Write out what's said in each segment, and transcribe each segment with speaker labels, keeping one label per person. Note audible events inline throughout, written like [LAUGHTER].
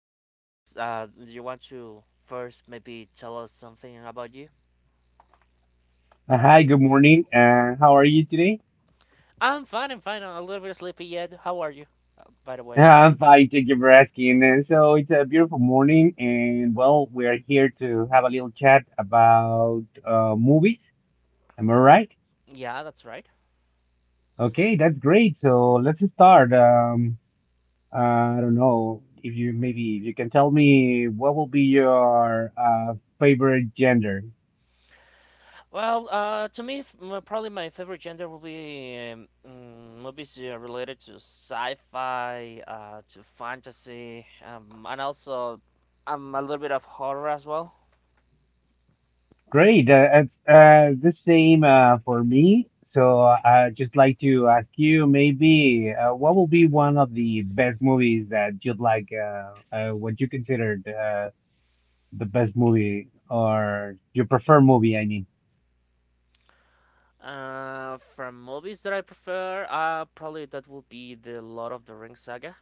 Speaker 1: Carlos. Do you want to first maybe tell us something about you?
Speaker 2: Hi, good morning. How are you today?
Speaker 1: I'm fine, I'm fine. I'm a little bit sleepy yet. How are you? By the way.
Speaker 2: I'm fine, thank you for asking. So it's a beautiful morning, and well, we are here to have a little chat about movies. Am I right?
Speaker 1: Yeah, that's right.
Speaker 2: Okay, that's great. So let's start. I don't know if you maybe you can tell me what will be your favorite gender.
Speaker 1: Well, to me probably my favorite genre will be movies related to sci-fi, to fantasy, and also a little bit of horror as well.
Speaker 2: Great. It's the same for me. So I just like to ask you maybe what will be one of the best movies that you'd like, what you considered the best movie or your preferred movie, I mean.
Speaker 1: From movies that I prefer, probably that will be the Lord of the Rings saga.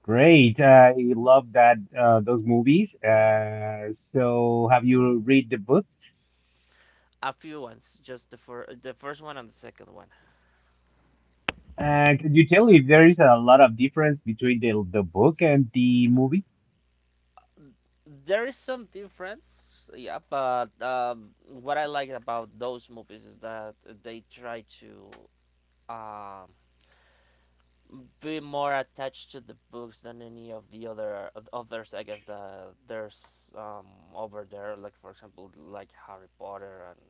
Speaker 2: Great. I love that those movies. So have you read the books?
Speaker 1: A few ones, just the the first one and the second one.
Speaker 2: Could you tell if there is a lot of difference between the book and the movie?
Speaker 1: There is some difference, yeah, but what I like about those movies is that they try to um, be more attached to the books than any of the other others. I guess that there's over there, like for example, like Harry Potter and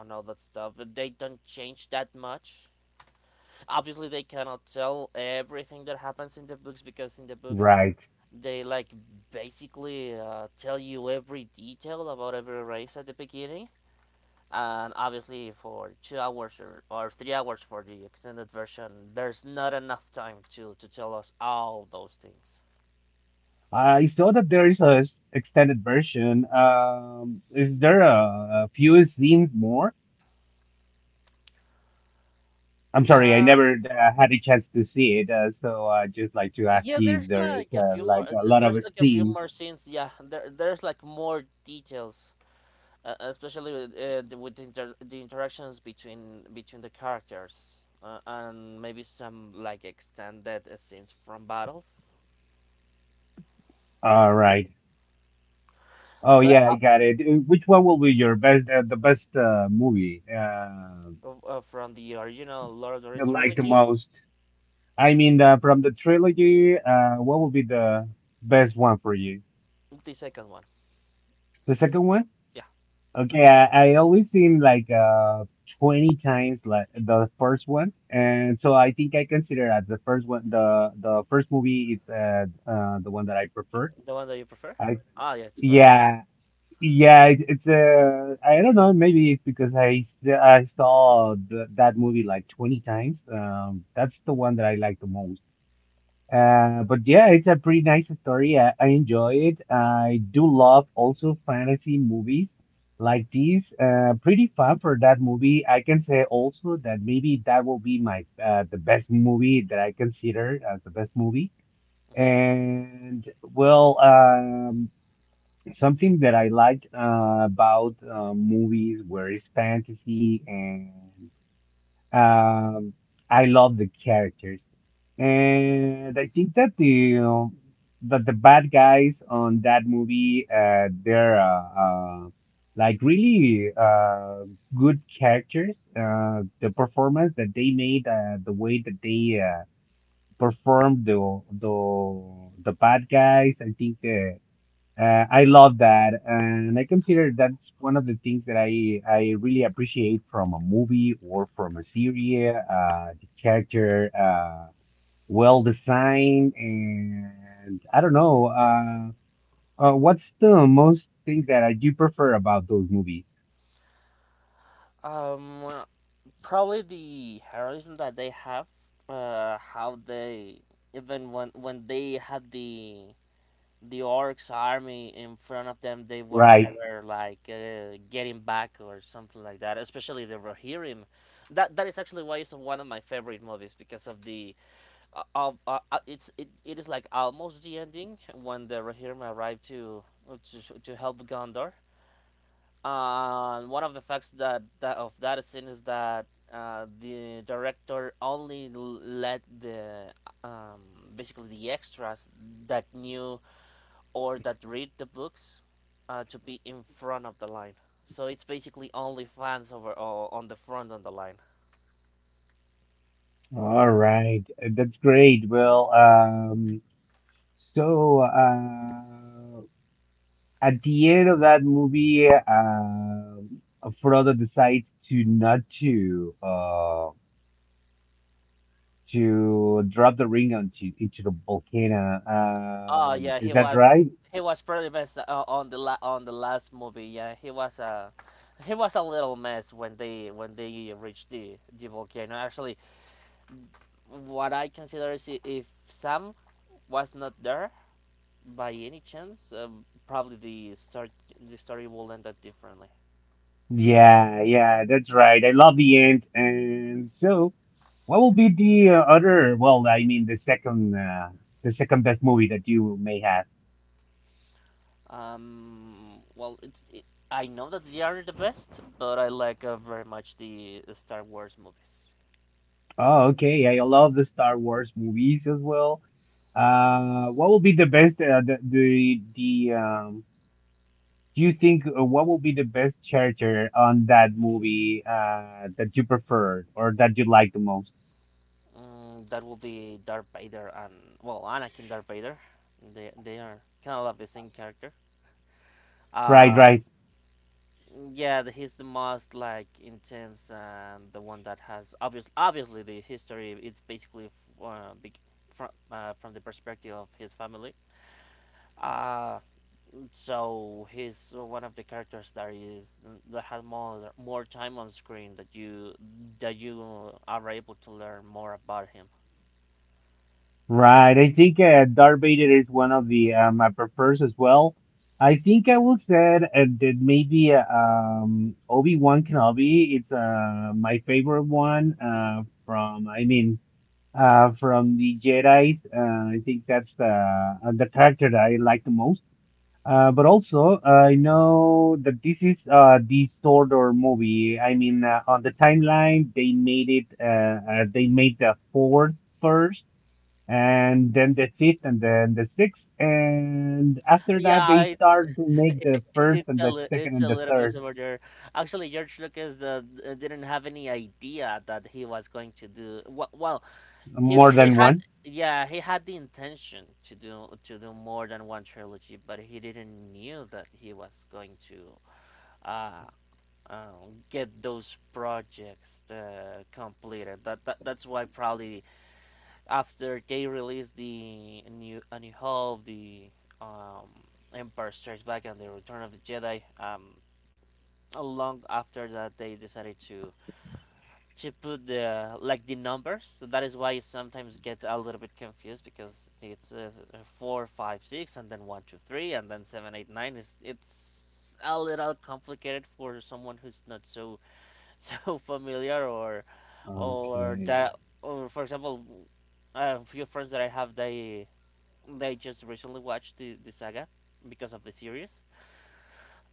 Speaker 1: all that stuff. They don't change that much. Obviously they cannot tell everything that happens in the books, because in the books
Speaker 2: Right.
Speaker 1: they like basically tell you every detail about every race at the beginning, and obviously for 2 hours or 3 hours for the extended version there's not enough time to tell us all those things.
Speaker 2: I saw that there is a extended version. Is there a few scenes more? I'm sorry, I never
Speaker 1: um
Speaker 2: had a chance to see it, so I just like to ask
Speaker 1: yeah,
Speaker 2: you if
Speaker 1: there's
Speaker 2: there
Speaker 1: like
Speaker 2: is
Speaker 1: a few more,
Speaker 2: like a lot of
Speaker 1: there's like a few
Speaker 2: scenes.
Speaker 1: more scenes. Yeah, there's like more details, especially with, with the, the interactions between the characters, and maybe some like extended scenes from battles.
Speaker 2: All right. Oh
Speaker 1: but
Speaker 2: yeah,
Speaker 1: uh,
Speaker 2: I got it. Which one will be your the best movie?
Speaker 1: uh, from the original Lord of the Rings
Speaker 2: You like the
Speaker 1: trilogy.
Speaker 2: most? I mean, from the trilogy, what will be the best one for you?
Speaker 1: The second one.
Speaker 2: The second one?
Speaker 1: Yeah.
Speaker 2: Okay, I always seen like 20 times like the first one, and so I think I consider that the first one, the first movie is the one that I prefer.
Speaker 1: The one that you prefer.
Speaker 2: I
Speaker 1: Ah yeah, it's very good.
Speaker 2: Yeah, yeah. It's I don't know, maybe it's because I saw that movie like 20 times. That's the one that I like the most. But yeah, it's a pretty nice story. I enjoy it. I do love also fantasy movies like these. Pretty fun for that movie. I can say also that maybe that will be my the best movie that I consider as the best movie.
Speaker 1: Hmm.
Speaker 2: And well, something that I like about movies where it's fantasy and um, I love the characters. And I think that the bad guys on that movie, they're uh, like really good characters. The performance that they made, the way that they performed the bad guys, I think I love that, and I consider that's one of the things that I really appreciate from a movie or from a series. The character. Well designed and I don't know. What's the most thing that I do prefer about those movies?
Speaker 1: um uh, Probably the heroism that they have, how they, even when they had the orcs army in front of them, they were
Speaker 2: Right.
Speaker 1: never like getting back or something like that, especially the Rohirrim. That is actually why it's one of my favorite movies, because of the of it's it is like almost the ending when the Rohirrim arrive to to help Gondor. One of the facts that, that of that scene is that the director only let the um, basically the extras that knew or that read the books, to be in front of the line. So it's basically only fans over on the front on the line.
Speaker 2: All right. That's great. Well, so uh, at the end of that movie, Frodo decides to not to drop the ring onto into the volcano.
Speaker 1: Oh yeah, he
Speaker 2: Is that
Speaker 1: was,
Speaker 2: right?
Speaker 1: he was pretty messed on the on the last movie. Yeah, he was a, he was a little mess when they, when they reached the volcano. Actually, what I consider is, if Sam was not there by any chance, probably the start, the story will end up differently.
Speaker 2: Yeah, yeah, that's right. I love the end. And so, what will be the other? Well, I mean, the second best movie that you may have.
Speaker 1: Well, I know that they are the best, but I like very much the Star Wars movies.
Speaker 2: Oh, okay. Yeah, I love the Star Wars movies as well. What will be the best? The the. Do you think what will be the best character on that movie? That you preferred or that you like the most?
Speaker 1: Mm, that will be Darth Vader and, well, Anakin Darth Vader. They are kind of like the same character.
Speaker 2: Right,
Speaker 1: Uh,
Speaker 2: right.
Speaker 1: yeah, the, he's the most like intense and the one that has obviously the history. It's basically big from the perspective of his family. Uh, So he's one of the characters that is, that has more time on screen that you, that you are able to learn more about him.
Speaker 2: Right. I think Darth Vader is one of the I prefers as well. I think I will say that maybe Obi-Wan Kenobi. It's my favorite one
Speaker 1: Mhm.
Speaker 2: from, I mean, from the Jedi's. I think that's the character that I like the most. But also I know that this is the Sword or movie. I mean on the timeline they made it. They made the fourth first and then the fifth and then the sixth and after
Speaker 1: Yeah,
Speaker 2: that they
Speaker 1: I,
Speaker 2: start to
Speaker 1: [LAUGHS]
Speaker 2: make the first
Speaker 1: it's
Speaker 2: and
Speaker 1: a
Speaker 2: the second
Speaker 1: it's
Speaker 2: and
Speaker 1: a
Speaker 2: the
Speaker 1: little bit
Speaker 2: third.
Speaker 1: over there. Actually, George Lucas, didn't have any idea that he was going to do. Well, well,
Speaker 2: More
Speaker 1: he
Speaker 2: than
Speaker 1: had
Speaker 2: one.
Speaker 1: yeah, he had the intention to do more than one trilogy, but he didn't knew that he was going to, uh, get those projects completed. That's why probably after they release the new, a new hope, the um, Empire Strikes Back, and the Return of the Jedi, long after that they decided to put the like the numbers. So that is why you sometimes get a little bit confused because it's four, five, six, and then one, two, three, and then seven, eight, nine. Is It's a little complicated for someone who's not so [LAUGHS] so familiar or
Speaker 2: Okay.
Speaker 1: that, or for example a few friends that I have, they just recently watched the saga because of the series,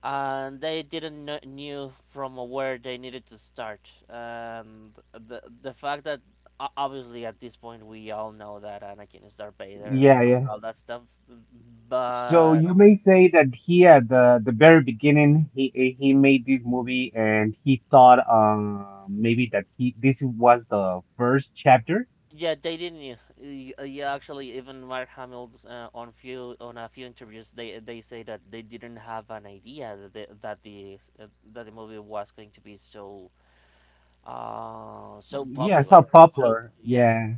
Speaker 1: and they didn't knew from where they needed to start. And the fact that obviously at this point we all know that Anakin is Darth Vader and
Speaker 2: Yeah, yeah.
Speaker 1: all that stuff,
Speaker 2: So
Speaker 1: but
Speaker 2: you may say that he at the very beginning he made this movie and he thought maybe that he this was the first chapter.
Speaker 1: yeah, they didn't. Yeah, yeah, actually, even Mark Hamill, on a few interviews, they say that they didn't have an idea that the, that the movie was going to be so so
Speaker 2: Yeah, it's
Speaker 1: popular.
Speaker 2: not
Speaker 1: So
Speaker 2: popular.
Speaker 1: yeah.
Speaker 2: Yeah.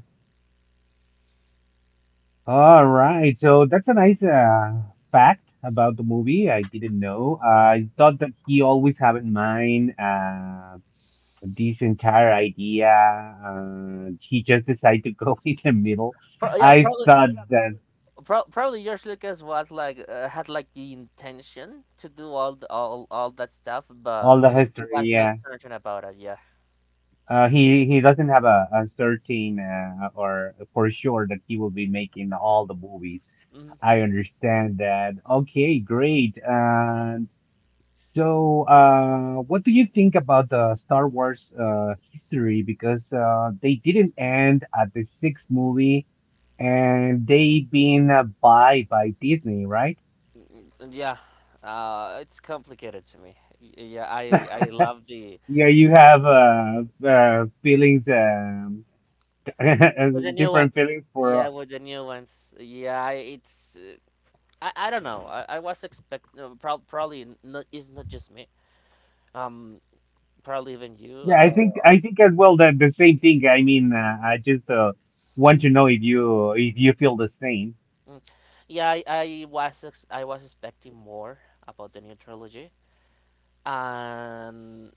Speaker 2: All right, so that's a nice fact about the movie. I didn't know. I thought that he always have in mind this entire idea. He just decided to go [LAUGHS] in the middle.
Speaker 1: Yeah,
Speaker 2: I
Speaker 1: probably,
Speaker 2: thought that
Speaker 1: probably George Lucas was like had like the intention to do all the, all that stuff,
Speaker 2: all
Speaker 1: but
Speaker 2: the
Speaker 1: he
Speaker 2: history.
Speaker 1: was not
Speaker 2: Yeah,
Speaker 1: certain about it. Yeah.
Speaker 2: he doesn't have a certain or for sure that he will be making all the movies.
Speaker 1: Hmm.
Speaker 2: I understand that. Okay, great. And so, what do you think about the Star Wars history? Because they didn't end at the sixth movie, and they been buy by Disney, right?
Speaker 1: Yeah, it's complicated to me. Yeah, I love the.
Speaker 2: Yeah, you have
Speaker 1: With the
Speaker 2: [LAUGHS]
Speaker 1: new ones,
Speaker 2: different feelings
Speaker 1: yeah,
Speaker 2: for.
Speaker 1: with the new ones, yeah, it's I don't know. I was expect probably not, it's not just me. Um, Probably even you.
Speaker 2: Yeah, I think I think as well that the same thing. I mean, I just want to know if you feel the same,
Speaker 1: Mm, yeah, I was expecting more about the new trilogy, and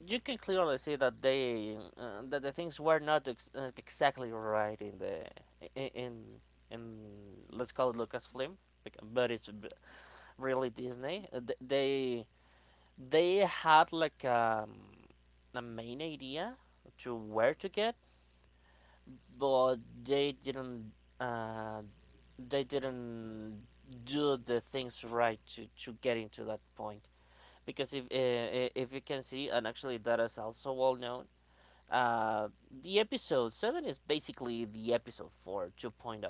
Speaker 1: you can clearly see that they that the things were not ex exactly right in the in in, in let's call it Lucasfilm, but it's really Disney. They had like a main idea to where to get, but they didn't, uh, they didn't do the things right to get into that point. Because if you can see, and actually that is also well known, the episode seven is basically the episode four 2.0.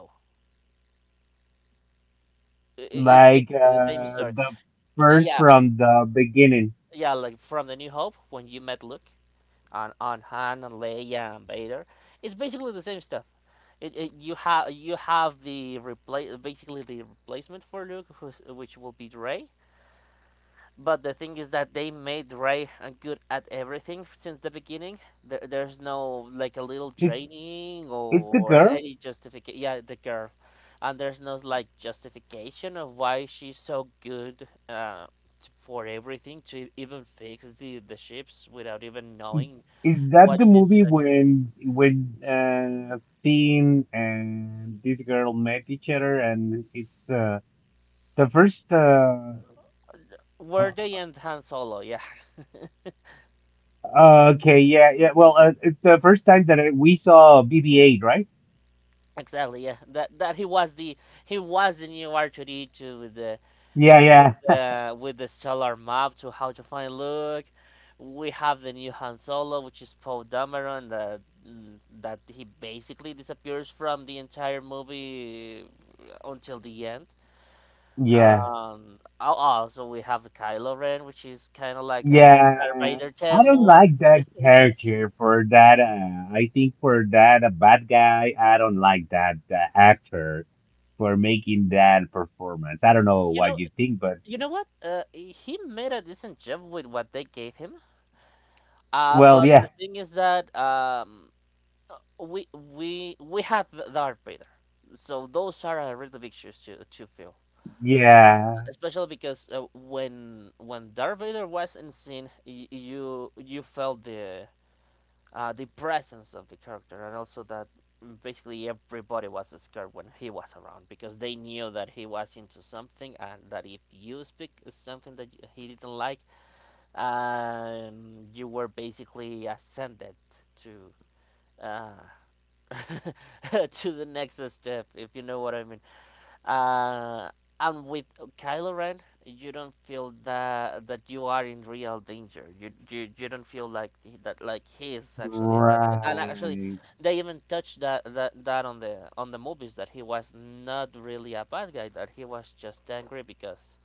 Speaker 1: I- i- It's
Speaker 2: like
Speaker 1: basically the same story.
Speaker 2: the first
Speaker 1: Yeah,
Speaker 2: from the beginning.
Speaker 1: yeah, like from the New Hope when you met Luke, on Han and Leia and Vader. It's basically the same stuff. You have, you have the basically the replacement for Luke, who's, which will be Rey. But the thing is that they made Rey good at everything since the beginning. There's no like a little training
Speaker 2: It's the
Speaker 1: or
Speaker 2: girl.
Speaker 1: any justification. Yeah, the girl, and there's no like justification of why she's so good, for everything, to even fix the ships without even knowing.
Speaker 2: Is that the
Speaker 1: Watch this
Speaker 2: movie
Speaker 1: touch it.
Speaker 2: when Finn and this girl met each other, and it's the first
Speaker 1: Were
Speaker 2: uh,
Speaker 1: they and Han Solo? Yeah, [LAUGHS]
Speaker 2: okay, yeah, yeah, well, it's the first time that we saw BB-8, right?
Speaker 1: exactly. Yeah, that he was the, he was the new R two D two with the
Speaker 2: Yeah, yeah,
Speaker 1: with the with the stellar map to how to find Luke. We have the new Han Solo, which is Poe Dameron, that, that he basically disappears from the entire movie until the end.
Speaker 2: yeah,
Speaker 1: Also we have Kylo Ren, which is kind of like a Darth
Speaker 2: yeah.
Speaker 1: Vader
Speaker 2: I don't
Speaker 1: Temu.
Speaker 2: like that character for that. I think for that a bad guy. I don't like that actor for making that performance. I don't know
Speaker 1: You
Speaker 2: what
Speaker 1: know,
Speaker 2: you think, but.
Speaker 1: You know what? He made a decent job with what they gave him.
Speaker 2: Well,
Speaker 1: But the
Speaker 2: yeah,
Speaker 1: thing is that uh, we had Darth Vader, so those are really big shoes to fill.
Speaker 2: yeah,
Speaker 1: Especially because when Darth Vader was in scene, you, you felt the presence of the character, and also that basically everybody was scared when he was around because they knew that he was into something, and that if you speak something that he didn't like, you were basically ascended to uh, [LAUGHS] to the next step, if you know what I mean. Uh, and with Kylo Ren, you don't feel that you are in real danger. You don't feel like he- that like he is actually a bad guy. And actually,
Speaker 2: right.
Speaker 1: they even touched that, that on the movies that he was not really a bad guy. That he was just angry because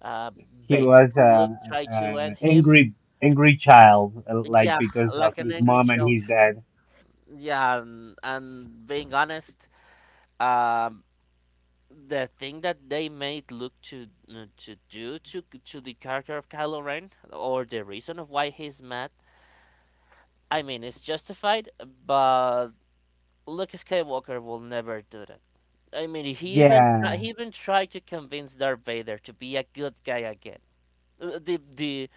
Speaker 1: uh,
Speaker 2: He was
Speaker 1: basically Luke
Speaker 2: a,
Speaker 1: tried to end
Speaker 2: a
Speaker 1: him,
Speaker 2: angry, angry child, like
Speaker 1: yeah,
Speaker 2: because of
Speaker 1: like an
Speaker 2: his
Speaker 1: angry
Speaker 2: mom and
Speaker 1: child.
Speaker 2: his dad.
Speaker 1: Yeah, and being honest, um, the thing that they made Luke to to do to the character of Kylo Ren, or the reason of why he's mad, I mean, it's justified, but Luke Skywalker will never do that. I mean,
Speaker 2: Yeah,
Speaker 1: he even tried to convince Darth Vader to be a good guy again. Uh, The the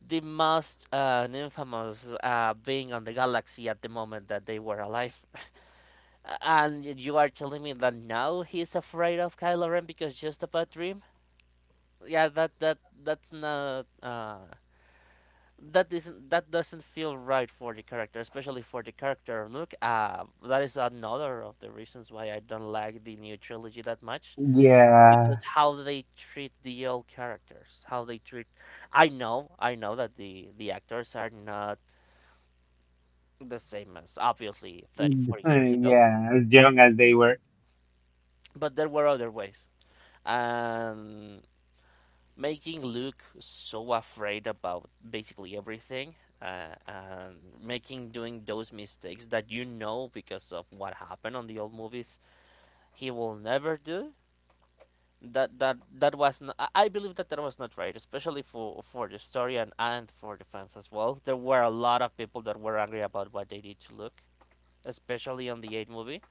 Speaker 1: the most infamous being on the galaxy at the moment that they were alive. [LAUGHS] A- And you are telling me that now he's afraid of Kylo Ren because just a bad dream? Yeah, that's not that doesn't feel right for the character, especially for the character of Luke. That is another of the reasons why I don't like the new trilogy that much, because
Speaker 2: yeah,
Speaker 1: how they treat the old characters, how they treat. I know, I know that the actors are not the same as obviously
Speaker 2: [LAUGHS]
Speaker 1: 30, 40 years ago,
Speaker 2: yeah. As young as they were.
Speaker 1: but there were other ways and making Luke so afraid about basically everything, and making doing those mistakes that you know because of what happened on the old movies he will never do. That was not, I believe that that was not right, especially for the story and for the fans as well. There were a lot of people that were angry about what they did to Luke, especially on the eighth movie.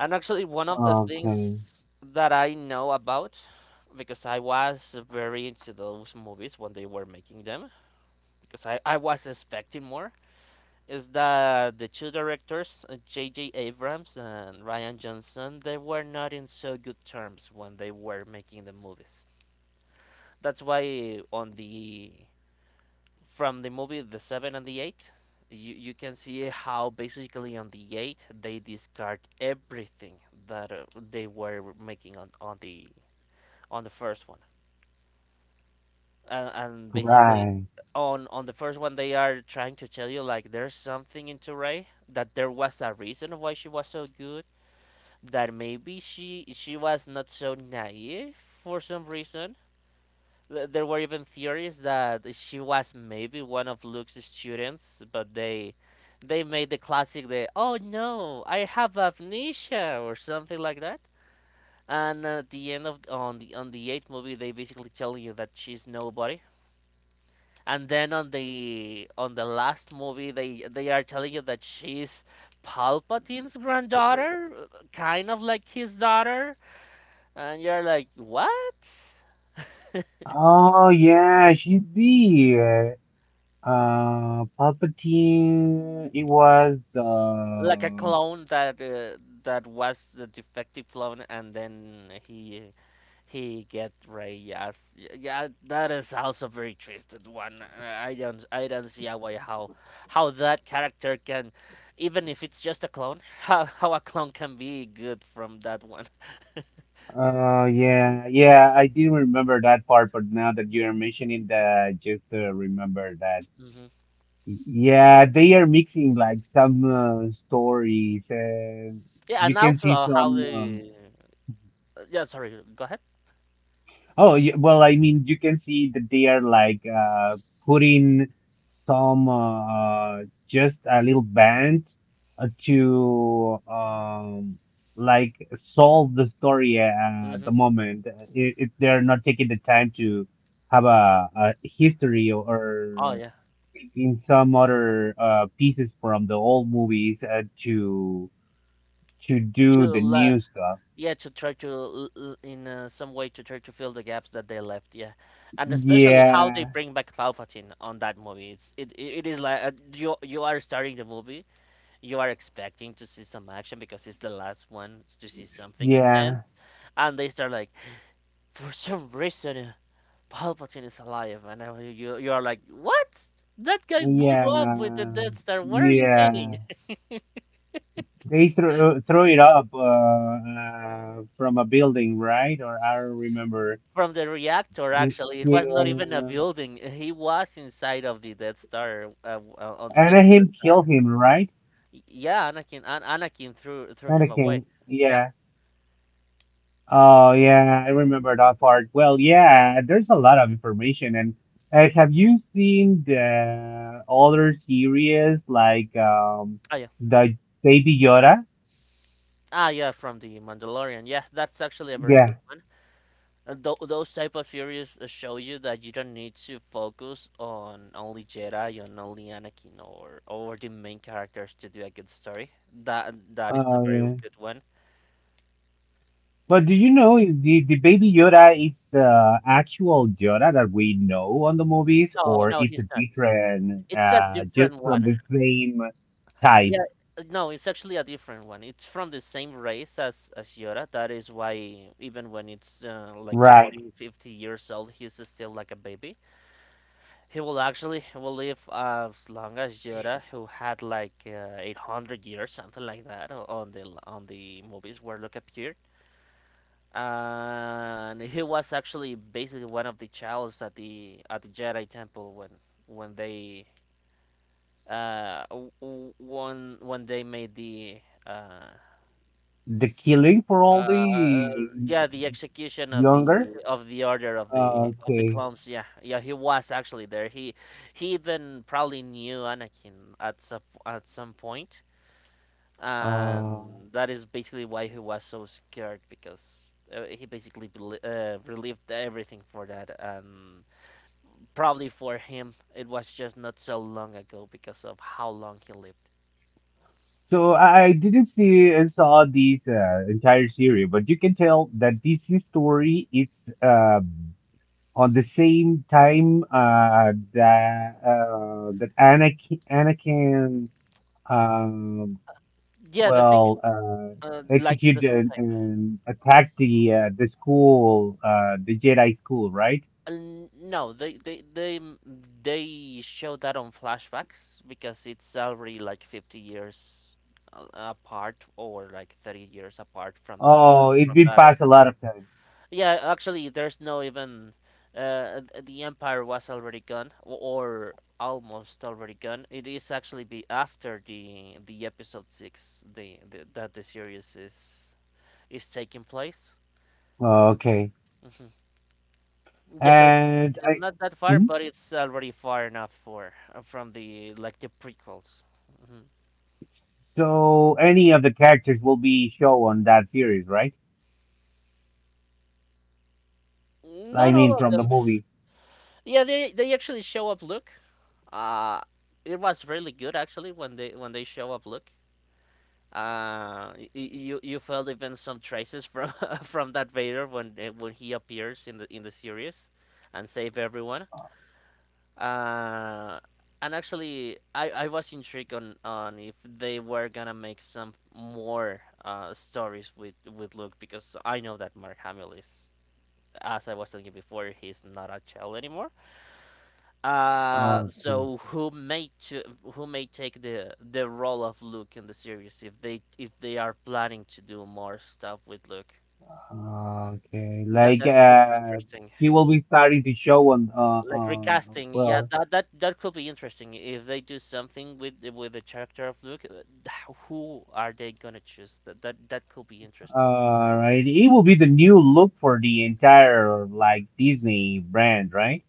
Speaker 1: And actually, one of the
Speaker 2: Okay,
Speaker 1: things that I know about, because I was very into those movies when they were making them, because I was expecting more, is that the two directors, J. J. Abrams and Ryan Johnson, they were not in so good terms when they were making the movies. That's why on the From the movie The Seven and the Eight, you can see how basically on the eight they discard everything that they were making on the first one, and basically
Speaker 2: right.
Speaker 1: on the first one they are trying to tell you like there's something into Ray that there was a reason why she was so good, that maybe she was not so naive for some reason. There were even theories that she was maybe one of Luke's students, but they made the classic, the oh no, I have amnesia or something like that. And at the end of on the eighth movie, they basically tell you that she's nobody. And then on the last movie, they are telling you that she's Palpatine's granddaughter, kind of like his daughter, and you're like, what? [LAUGHS]
Speaker 2: Oh yeah, she's the Palpatine. It was
Speaker 1: Like a
Speaker 2: the
Speaker 1: clone that that was the defective clone, and then he he get Ray. Yes, yeah, that is also very twisted one. I don't see a way how that character can, even if it's just a clone, [LAUGHS] how a clone can be good from that one.
Speaker 2: Yeah, yeah, I didn't remember that part, but now that you're mentioning that, I just remember that.
Speaker 1: [LAUGHS] hmm
Speaker 2: Yeah, they are mixing like some stories, and
Speaker 1: Yeah,
Speaker 2: you
Speaker 1: and
Speaker 2: can see
Speaker 1: also how
Speaker 2: some.
Speaker 1: the yeah, sorry, go ahead.
Speaker 2: Oh, yeah, well, I mean, you can see that they are like putting some just a little band to like solve the story at
Speaker 1: Hmm
Speaker 2: the moment. They're not taking the time to have a history
Speaker 1: Oh
Speaker 2: or
Speaker 1: yeah,
Speaker 2: in some other pieces from the old movies to do
Speaker 1: to
Speaker 2: the
Speaker 1: la
Speaker 2: new stuff.
Speaker 1: yeah, to try to in some way to try to fill the gaps that they left. Yeah, and especially how they
Speaker 2: Yeah,
Speaker 1: bring back Palpatine on that movie. It's it is like you you are starting the movie, you are expecting to see some action because it's the last one, to see something
Speaker 2: yeah.
Speaker 1: intense, and they start like for some reason Palpatine is alive, and you you are like what? That guy
Speaker 2: Yeah,
Speaker 1: blew up with the Death Star. What are you meaning?
Speaker 2: yeah. They threw it up from a building, right? Or I don't remember.
Speaker 1: From the reactor, actually it was not even a
Speaker 2: Yeah,
Speaker 1: building, he was inside of the Death Star on the
Speaker 2: and then
Speaker 1: second
Speaker 2: him
Speaker 1: Death Star.
Speaker 2: killed him, right?
Speaker 1: Yeah, anakin anakin threw him away.
Speaker 2: Anakin.
Speaker 1: Yeah.
Speaker 2: Yeah. Oh, yeah. I remember that part. Well, yeah. There's a lot of information, and have you seen the other series like
Speaker 1: Ah, yeah.
Speaker 2: the Baby Yoda?
Speaker 1: Ah, yeah, from the Mandalorian, yeah, that's actually a very good
Speaker 2: Yeah.
Speaker 1: one. And those type of series show you that you don't need to focus on only jedi, on only anakin or the main characters to do a good story. That is a
Speaker 2: Oh,
Speaker 1: very
Speaker 2: yeah.
Speaker 1: good one.
Speaker 2: But do you know if the baby Yoda it's the actual Yoda that we know on the movies,
Speaker 1: No,
Speaker 2: or
Speaker 1: no,
Speaker 2: it's a
Speaker 1: he's not.
Speaker 2: different,
Speaker 1: It's a different
Speaker 2: just from
Speaker 1: one.
Speaker 2: the same type,
Speaker 1: Yeah, no, it's actually a different one. It's from the same race as Yoda. That is why even when it's like
Speaker 2: right?
Speaker 1: 40, 50 years old, he's still like a baby. He will actually he will live as long as Yoda, who had like 800 years, something like that, on the on the movies where Luke appeared. And he was actually basically one of the childs at the Jedi Temple when they when they made the uh
Speaker 2: The killing for all
Speaker 1: uh,
Speaker 2: the
Speaker 1: yeah, the execution
Speaker 2: younger.
Speaker 1: of the order of the
Speaker 2: Okay.
Speaker 1: clones. Yeah, yeah, he was actually there. He even probably knew Anakin at some point,
Speaker 2: Uh,
Speaker 1: and that is basically why he was so scared because he basically bel relieved everything for that, and probably for him it was just not so long ago because of how long he lived.
Speaker 2: so I didn't see and saw this entire series, but you can tell that this story it's on the same time that Anakin um,
Speaker 1: Yeah, the thing, like in the
Speaker 2: execute
Speaker 1: same
Speaker 2: and,
Speaker 1: time.
Speaker 2: and attack the Jedi school, right?
Speaker 1: No, they show that on flashbacks because it's already like 50 years a- apart or like 30 years apart from that
Speaker 2: Oh, it's
Speaker 1: from
Speaker 2: been
Speaker 1: that era.
Speaker 2: past a lot of time.
Speaker 1: Yeah, actually, there's no even the empire was already gone or almost already gone. It is actually be after the episode 6, the that the series is taking place.
Speaker 2: Oh, okay,
Speaker 1: Mm-hmm. Yeah, so it's,
Speaker 2: and
Speaker 1: it's
Speaker 2: I
Speaker 1: not that far,
Speaker 2: mhm.
Speaker 1: but it's already far enough for from the like the prequels. Hmm
Speaker 2: So any of the characters will be show on that series, right? I
Speaker 1: Not
Speaker 2: mean,
Speaker 1: all of
Speaker 2: from the
Speaker 1: them.
Speaker 2: movie.
Speaker 1: Yeah, they actually show up. Luke. Uh, it was really good actually when they show up. Luke. You you felt even some traces from [LAUGHS] from that Vader when he appears in the series, and save everyone. Uh, and actually, I was intrigued on if they were gonna make some more stories with Luke because I know that Mark Hamill is, as I was telling you before, he's not a child anymore. Uh,
Speaker 2: Oh, okay.
Speaker 1: so who may to, who may take the role of Luke in the series if they are planning to do more stuff with Luke?
Speaker 2: Okay,
Speaker 1: That
Speaker 2: like
Speaker 1: that could be interesting.
Speaker 2: he will be starting to show on
Speaker 1: Like recasting, yeah,
Speaker 2: well,
Speaker 1: that that could be interesting if they do something with the with the character of luke [SIGHS] who are they gonna choose? That could be interesting.
Speaker 2: right. It will be the new look for the entire like Disney brand, right?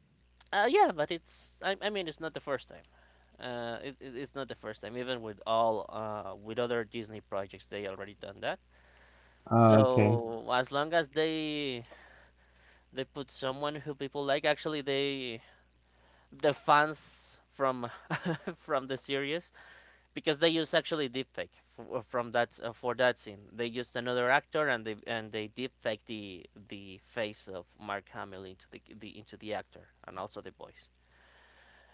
Speaker 1: Yeah, but I mean it's not the first time it's not the first time. Even with all with other disney projects they already done that,
Speaker 2: Okay,
Speaker 1: so as long as they put someone who people like, actually they the fans from [LAUGHS] from the series, because they used actually deepfake from that for that scene. They used another actor and they deepfake the face of Mark Hamill into the into the actor and also the voice.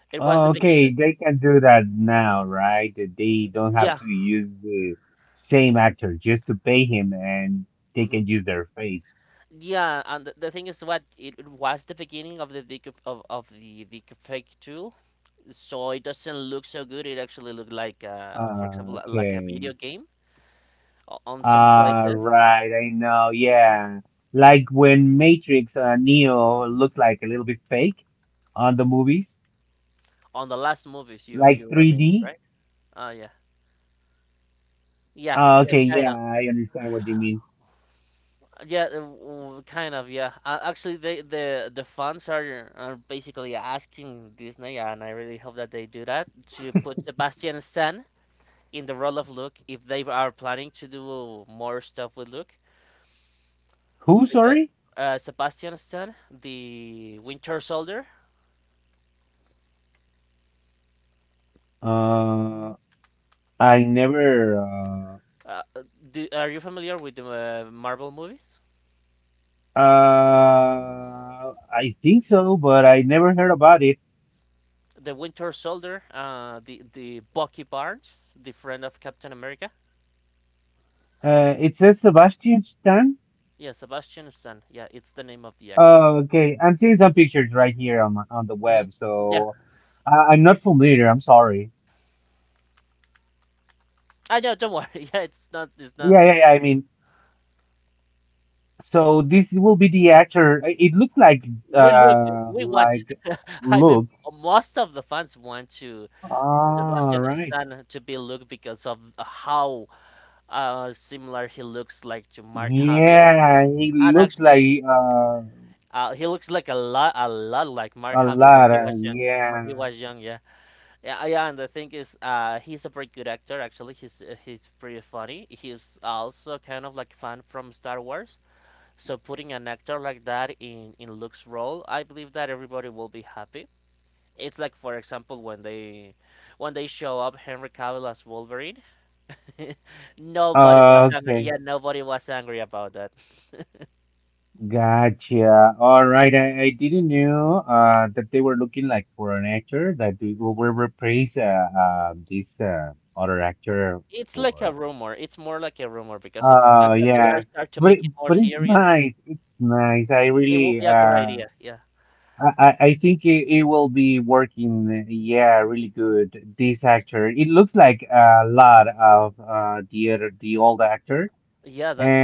Speaker 1: It was the begin.
Speaker 2: okay, they can do that now, right? That they don't have
Speaker 1: Yeah.
Speaker 2: to use the same actor just to pay him, and they
Speaker 1: hmm
Speaker 2: can use their face.
Speaker 1: Yeah, and the thing is, what it was the beginning of the deep, of the deepfake tool, so it doesn't look so good. It actually looked like, for example, like a
Speaker 2: Okay.
Speaker 1: video game on some
Speaker 2: Ah,
Speaker 1: places.
Speaker 2: right, I know, yeah. Like when Matrix Neo looks like a little bit fake on the movies,
Speaker 1: On the last movies you
Speaker 2: like
Speaker 1: you were meaning,
Speaker 2: 3D.
Speaker 1: right? Oh yeah, yeah, yeah,
Speaker 2: Okay,
Speaker 1: kind
Speaker 2: yeah,
Speaker 1: of.
Speaker 2: I understand what you mean.
Speaker 1: Yeah, kind of. Yeah, actually, the fans are basically asking Disney, and I really hope that they do that to put Sebastian Stan in the role of Luke if they are planning to do more stuff with Luke.
Speaker 2: Who,
Speaker 1: Because
Speaker 2: sorry?
Speaker 1: Sebastian Stan, the Winter Soldier,
Speaker 2: Uh, I never,
Speaker 1: uh, uh, do, are you familiar with the Marvel movies?
Speaker 2: I think so, but I never heard about it.
Speaker 1: The Winter Soldier, the Bucky Barnes, the friend of Captain America.
Speaker 2: It says Sebastian Stan.
Speaker 1: Yeah, Sebastian Stan. Yeah, it's the name of the actor.
Speaker 2: Oh, okay, I'm seeing some pictures right here on on the web,
Speaker 1: Hmm
Speaker 2: so I'm not familiar. I'm sorry.
Speaker 1: I know, don't worry. [LAUGHS] Yeah, it's not. It's not.
Speaker 2: Yeah, yeah, yeah. I mean, so this will be the actor. It looks
Speaker 1: We look. We want.
Speaker 2: like
Speaker 1: [LAUGHS] I mean,
Speaker 2: look.
Speaker 1: most of the fans want to
Speaker 2: Ah,
Speaker 1: Sebastian
Speaker 2: right.
Speaker 1: Stan to be Luke because of how similar he looks like to Mark Hamill,
Speaker 2: Yeah, he
Speaker 1: and
Speaker 2: looks
Speaker 1: actually,
Speaker 2: like
Speaker 1: he looks like a lot like Mark
Speaker 2: a
Speaker 1: Hamill when
Speaker 2: lot.
Speaker 1: he was young. When he
Speaker 2: Yeah.
Speaker 1: was young, yeah, yeah, yeah. And the thing is, he's a pretty good actor. Actually, he's pretty funny. He's also kind of like fan from Star Wars. So putting an actor like that in Luke's role, I believe that everybody will be happy. It's like for example when they show up Henry Cavill as Wolverine, [LAUGHS] nobody was angry.
Speaker 2: Okay,
Speaker 1: Yeah, nobody was angry about that. [LAUGHS]
Speaker 2: gotcha. All right, I didn't know that they were looking like for an actor that they will replace this other actor
Speaker 1: It's like a
Speaker 2: for.
Speaker 1: rumor. It's more like a rumor because of the
Speaker 2: Oh
Speaker 1: fact that they are
Speaker 2: yeah,
Speaker 1: start to make it more
Speaker 2: but it's
Speaker 1: serious.
Speaker 2: nice. It's nice. I
Speaker 1: It would
Speaker 2: really
Speaker 1: be a good
Speaker 2: uh.
Speaker 1: idea. Yeah.
Speaker 2: I think it will be working, yeah, really good. This actor, it looks like a lot of the old actor,
Speaker 1: Yeah, that's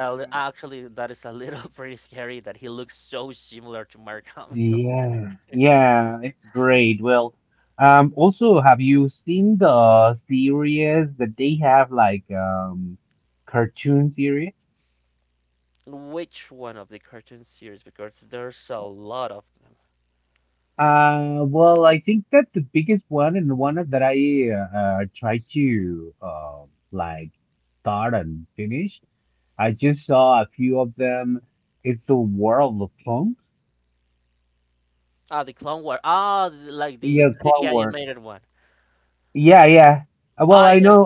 Speaker 1: uh, li- actually that is a little [LAUGHS] pretty scary that he looks so similar to Mark Hamill.
Speaker 2: yeah, yeah, it's great. Well, also, have you seen the series that they have, like cartoon series?
Speaker 1: Which one of the cartoon series? Because there's a lot of them.
Speaker 2: Well, I think that the biggest one and the one that I try to like start and finish. I just saw a few of them. It's the world of clones.
Speaker 1: Ah, the Clone War. Ah, the like the
Speaker 2: Yeah,
Speaker 1: 3D
Speaker 2: Clone War.
Speaker 1: animated one.
Speaker 2: Yeah, yeah. Well,
Speaker 1: Ah,
Speaker 2: I
Speaker 1: yes.
Speaker 2: know.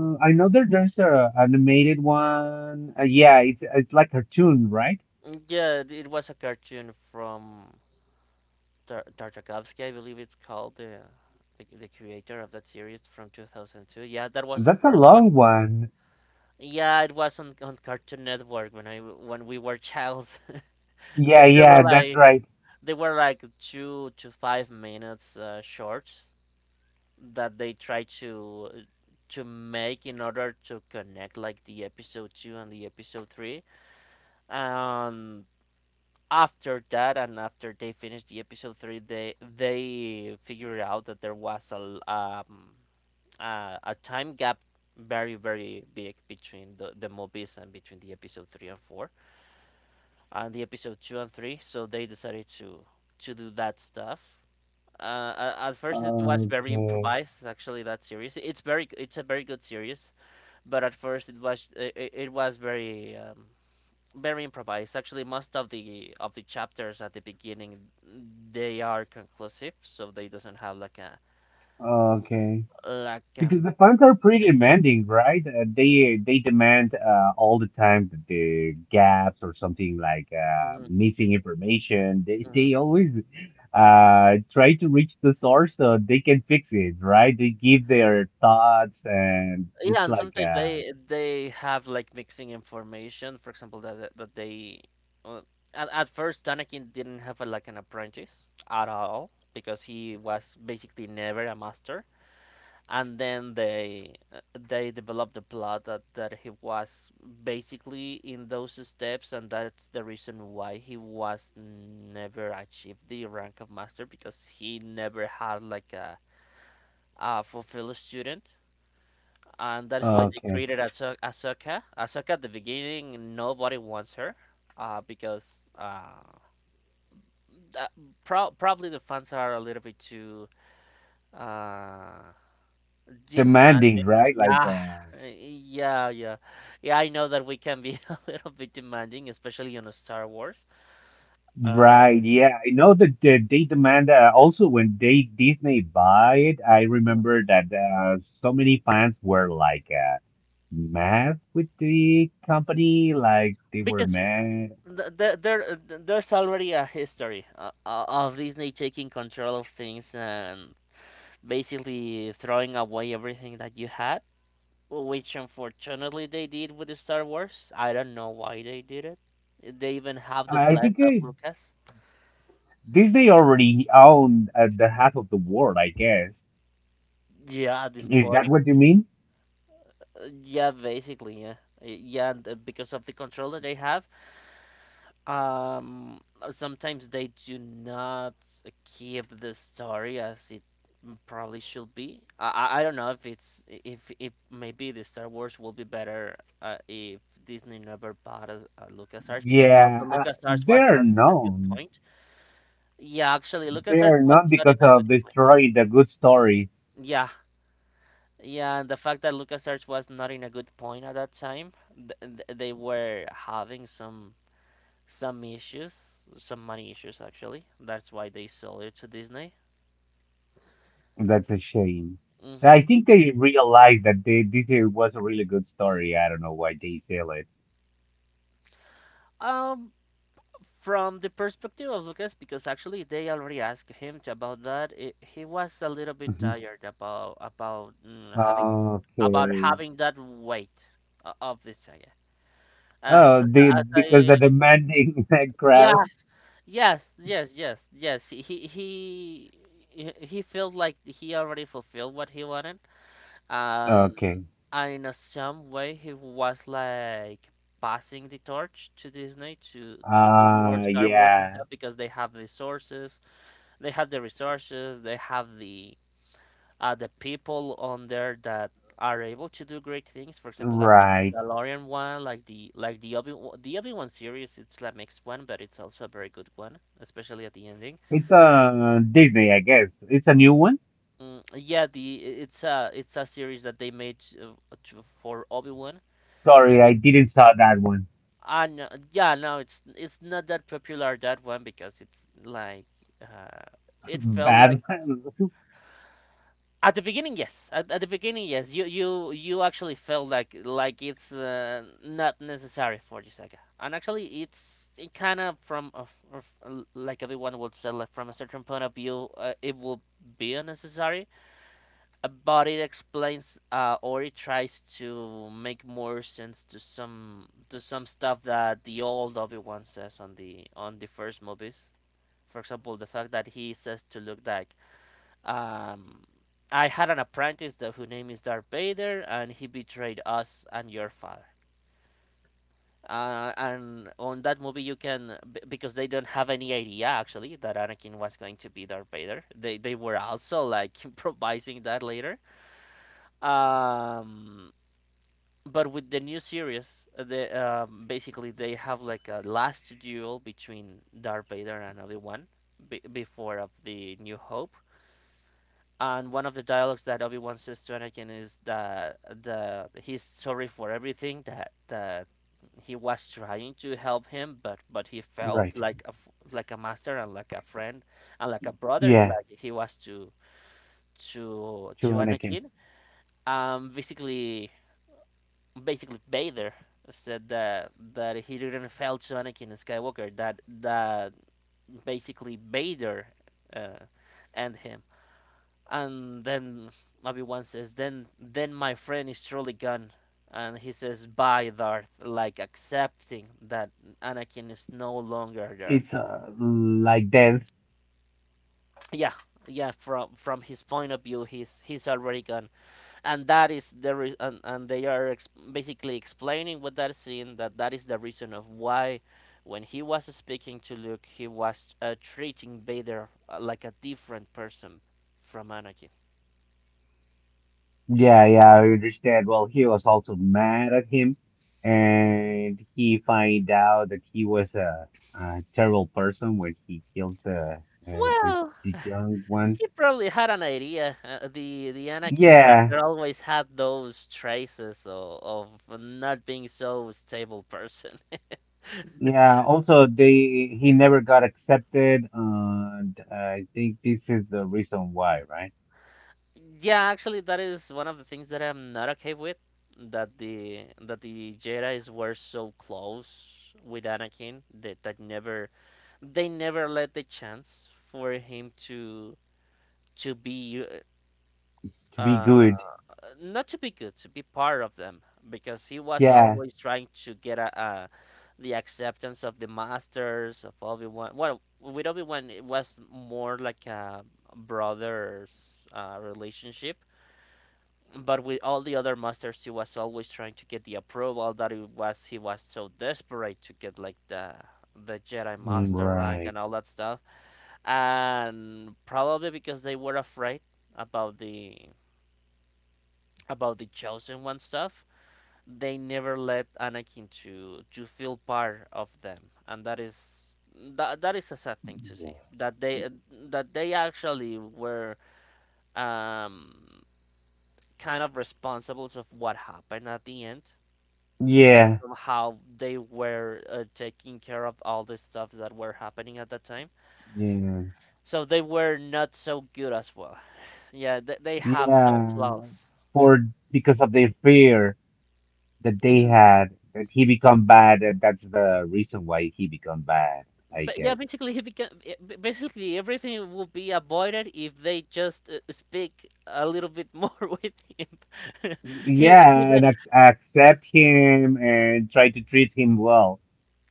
Speaker 1: Mhm.
Speaker 2: I know that there's a animated one. Yeah, it's like cartoon, right?
Speaker 1: Mm, yeah, it was a cartoon from Tartakovsky, I believe it's called the creator of that series from 2002. Yeah, that was the
Speaker 2: That's a
Speaker 1: first one.
Speaker 2: long one.
Speaker 1: Yeah, it was on Cartoon Network when when we were childs. [LAUGHS] They,
Speaker 2: Yeah,
Speaker 1: they were
Speaker 2: yeah, that's
Speaker 1: like
Speaker 2: right.
Speaker 1: they were like 2 to 5 minutes shorts that they try to make in order to connect like the episode 2 and the episode 3. And after that, and after they finished the episode 3, they figured out that there was um a time gap, very very big, between the movies and between the episode 3 and 4 and the episode 2 and 3, so they decided to do that stuff. At first it was very
Speaker 2: Okay,
Speaker 1: improvised. Actually, that series it's very it's a very good series, but at first it was very very improvised. Actually, most of the chapters at the beginning, they are conclusive, so they doesn't have like a
Speaker 2: okay.
Speaker 1: like a
Speaker 2: Because the fans are pretty
Speaker 1: main plot.
Speaker 2: demanding, right? They demand all the time that the gaps or something like missing information. They
Speaker 1: hmm
Speaker 2: they always try to reach the source so they can fix it, right? They give their thoughts, and
Speaker 1: yeah,
Speaker 2: it's
Speaker 1: and
Speaker 2: like
Speaker 1: sometimes they have like mixing information, for example that they uh, at first, Anakin didn't have a, like an apprentice at all, because he was basically never a master. And then they developed the plot that he was basically in those steps, and that's the reason why he was never achieved the rank of master, because he never had like a fulfilled student. And that is why they
Speaker 2: okay,
Speaker 1: created Ahsoka. Ahsoka at the beginning, nobody wants her, because that, probably the fans are a little bit too uh,
Speaker 2: demanding,
Speaker 1: demanding.
Speaker 2: right? Like
Speaker 1: Yeah, uh, yeah, yeah, yeah. I know that we can be [LAUGHS] a little bit demanding, especially on a Star Wars, uh,
Speaker 2: right, yeah. I know that they demand also when they Disney buy it. I
Speaker 1: Mm.
Speaker 2: remember that so many fans were like, mad with the company, like they were
Speaker 1: because
Speaker 2: mad.
Speaker 1: there's already a history of Disney taking control of things and basically throwing away everything that you had, which unfortunately they did with the Star Wars. I don't know why they did it. They even have the
Speaker 2: I
Speaker 1: bless
Speaker 2: think
Speaker 1: of
Speaker 2: they,
Speaker 1: Lucas.
Speaker 2: this they already owned the half of the world, I guess.
Speaker 1: Yeah, at this
Speaker 2: Is that
Speaker 1: point.
Speaker 2: what you mean?
Speaker 1: Yeah, basically, yeah. Yeah, and, because of the control that they have, Um, sometimes they do not keep the story as it probably should be. I don't know if it's if maybe the Star Wars will be better if Disney never bought a LucasArts, because also
Speaker 2: Yeah,
Speaker 1: LucasArts was
Speaker 2: they're
Speaker 1: not in a good
Speaker 2: known.
Speaker 1: point. Yeah, actually LucasArts
Speaker 2: They're
Speaker 1: was
Speaker 2: known
Speaker 1: not
Speaker 2: because
Speaker 1: in a good
Speaker 2: of
Speaker 1: point.
Speaker 2: destroying the good
Speaker 1: Mhm.
Speaker 2: story.
Speaker 1: Yeah. Yeah, and the fact that LucasArts was not in a good point at that time, they were having some issues, some money issues actually. That's why they sold it to Disney.
Speaker 2: That's a shame.
Speaker 1: hmm
Speaker 2: I think they realized that this was a really good story. I don't know why they sell it.
Speaker 1: Um, from the perspective of Lucas, because actually they already asked him to- about that. I he was a little bit
Speaker 2: Mhm.
Speaker 1: tired about having
Speaker 2: Okay.
Speaker 1: that weight of this saga. As,
Speaker 2: Oh,
Speaker 1: as,
Speaker 2: they
Speaker 1: as
Speaker 2: because
Speaker 1: I
Speaker 2: the demanding [LAUGHS] crowd.
Speaker 1: Yes, yes. He he felt like he already fulfilled what he wanted. And.
Speaker 2: Okay.
Speaker 1: And in a some way he was like passing the torch to Disney to do more Star Wars
Speaker 2: Yeah,
Speaker 1: stuff, because they have the sources, they have the resources, they have the people on there that are able to do great things. For example, like the
Speaker 2: right.
Speaker 1: Mandalorian one, like the Obi Wan series. It's like mixed one, but it's also a very good one, especially at the ending.
Speaker 2: It's Disney, I guess. It's a new one.
Speaker 1: Mm, yeah, the it's a series that they made to, for Obi Wan. That
Speaker 2: Sorry,
Speaker 1: is
Speaker 2: I didn't saw that one.
Speaker 1: I know, yeah, no, it's not that popular that one, because it's like uh,
Speaker 2: [LAUGHS]
Speaker 1: it felt like
Speaker 2: Bad. [LAUGHS]
Speaker 1: at the beginning, yes, at the beginning, yes, you actually felt like it's not necessary for the saga. And actually, it's it kind of from a, like everyone would say, like from a certain point of view, it will be unnecessary. But it explains or it tries to make more sense to some stuff that the old Obi-Wan says on the first movies. For example, the fact that he says to Luke like, um, "I had an apprentice that whose name is Darth Vader, and he betrayed us and your father." And on that movie, you can because they don't have any idea actually that Anakin was going to be Darth Vader. They were also like [LAUGHS] improvising that later. Um, but with the new series, the basically they have like a last duel between Darth Vader and Obi Wan be before of the New Hope. And one of the dialogues that Obi Wan says to Anakin is that the he's sorry for everything that he was trying to help him, but he felt
Speaker 2: Right.
Speaker 1: like a like a master and like a friend and like a brother,
Speaker 2: Yeah,
Speaker 1: like he was to to
Speaker 2: Dominican.
Speaker 1: Anakin. Basically Vader said that he didn't fail to Anakin Skywalker. That basically Vader uh, and him. And then Obi Wan says, "Then my friend is truly gone." And he says, "Bye, Darth," like accepting that Anakin is no longer there.
Speaker 2: It's like that.
Speaker 1: Yeah, yeah. From his point of view, he's already gone. And that is the re- and they are ex- Basically explaining with that scene that that is the reason of why when he was speaking to Luke he was treating Vader like a different person from Anakin.
Speaker 2: Yeah, yeah, I understand. Well, he was also mad at him, and he find out that he was a terrible person when he killed uh, this
Speaker 1: Well,
Speaker 2: the young one.
Speaker 1: he probably had an idea. The Anakin
Speaker 2: Yeah,
Speaker 1: character always had those traces of not being so stable person.
Speaker 2: yeah, also they he never got accepted, and I think this is the reason why, right?
Speaker 1: Yeah, actually, that is one of the things that I'm not okay with. That the Jedi's were so close with Anakin that that never they never let the chance for him to be
Speaker 2: To
Speaker 1: uh
Speaker 2: be good.
Speaker 1: uh, not to be good to be part of them, because he was
Speaker 2: Yeah.
Speaker 1: always trying to get a, the acceptance of the masters of Obi Wan. Well, with Obi Wan it was more like a brother's relationship, but with all the other masters he was always trying to get the approval that it was he was so desperate to get, like the jedi
Speaker 2: Mm,
Speaker 1: master rank and
Speaker 2: right.
Speaker 1: all that stuff. And probably because they were afraid about the chosen one stuff, they never let anakin to feel part of them. And that is a sad thing to
Speaker 2: Yeah.
Speaker 1: see, that they actually were um kind of responsibles of what happened at the end, because
Speaker 2: Yeah.
Speaker 1: of how they were taking care of all the stuff that were happening at that time.
Speaker 2: Yeah.
Speaker 1: So they were not so good as well. Yeah, they have some
Speaker 2: Yeah.
Speaker 1: flaws.
Speaker 2: For because of their fear that they
Speaker 1: hmm
Speaker 2: had that he become bad, and that's the reason why he become bad, I
Speaker 1: But yeah,
Speaker 2: guess.
Speaker 1: basically, he beca- eh, b- basically everything will be avoided if they just speak a little bit more [LAUGHS] with him. [LAUGHS] He
Speaker 2: Yeah,
Speaker 1: even
Speaker 2: and ac accept him and try to treat him well.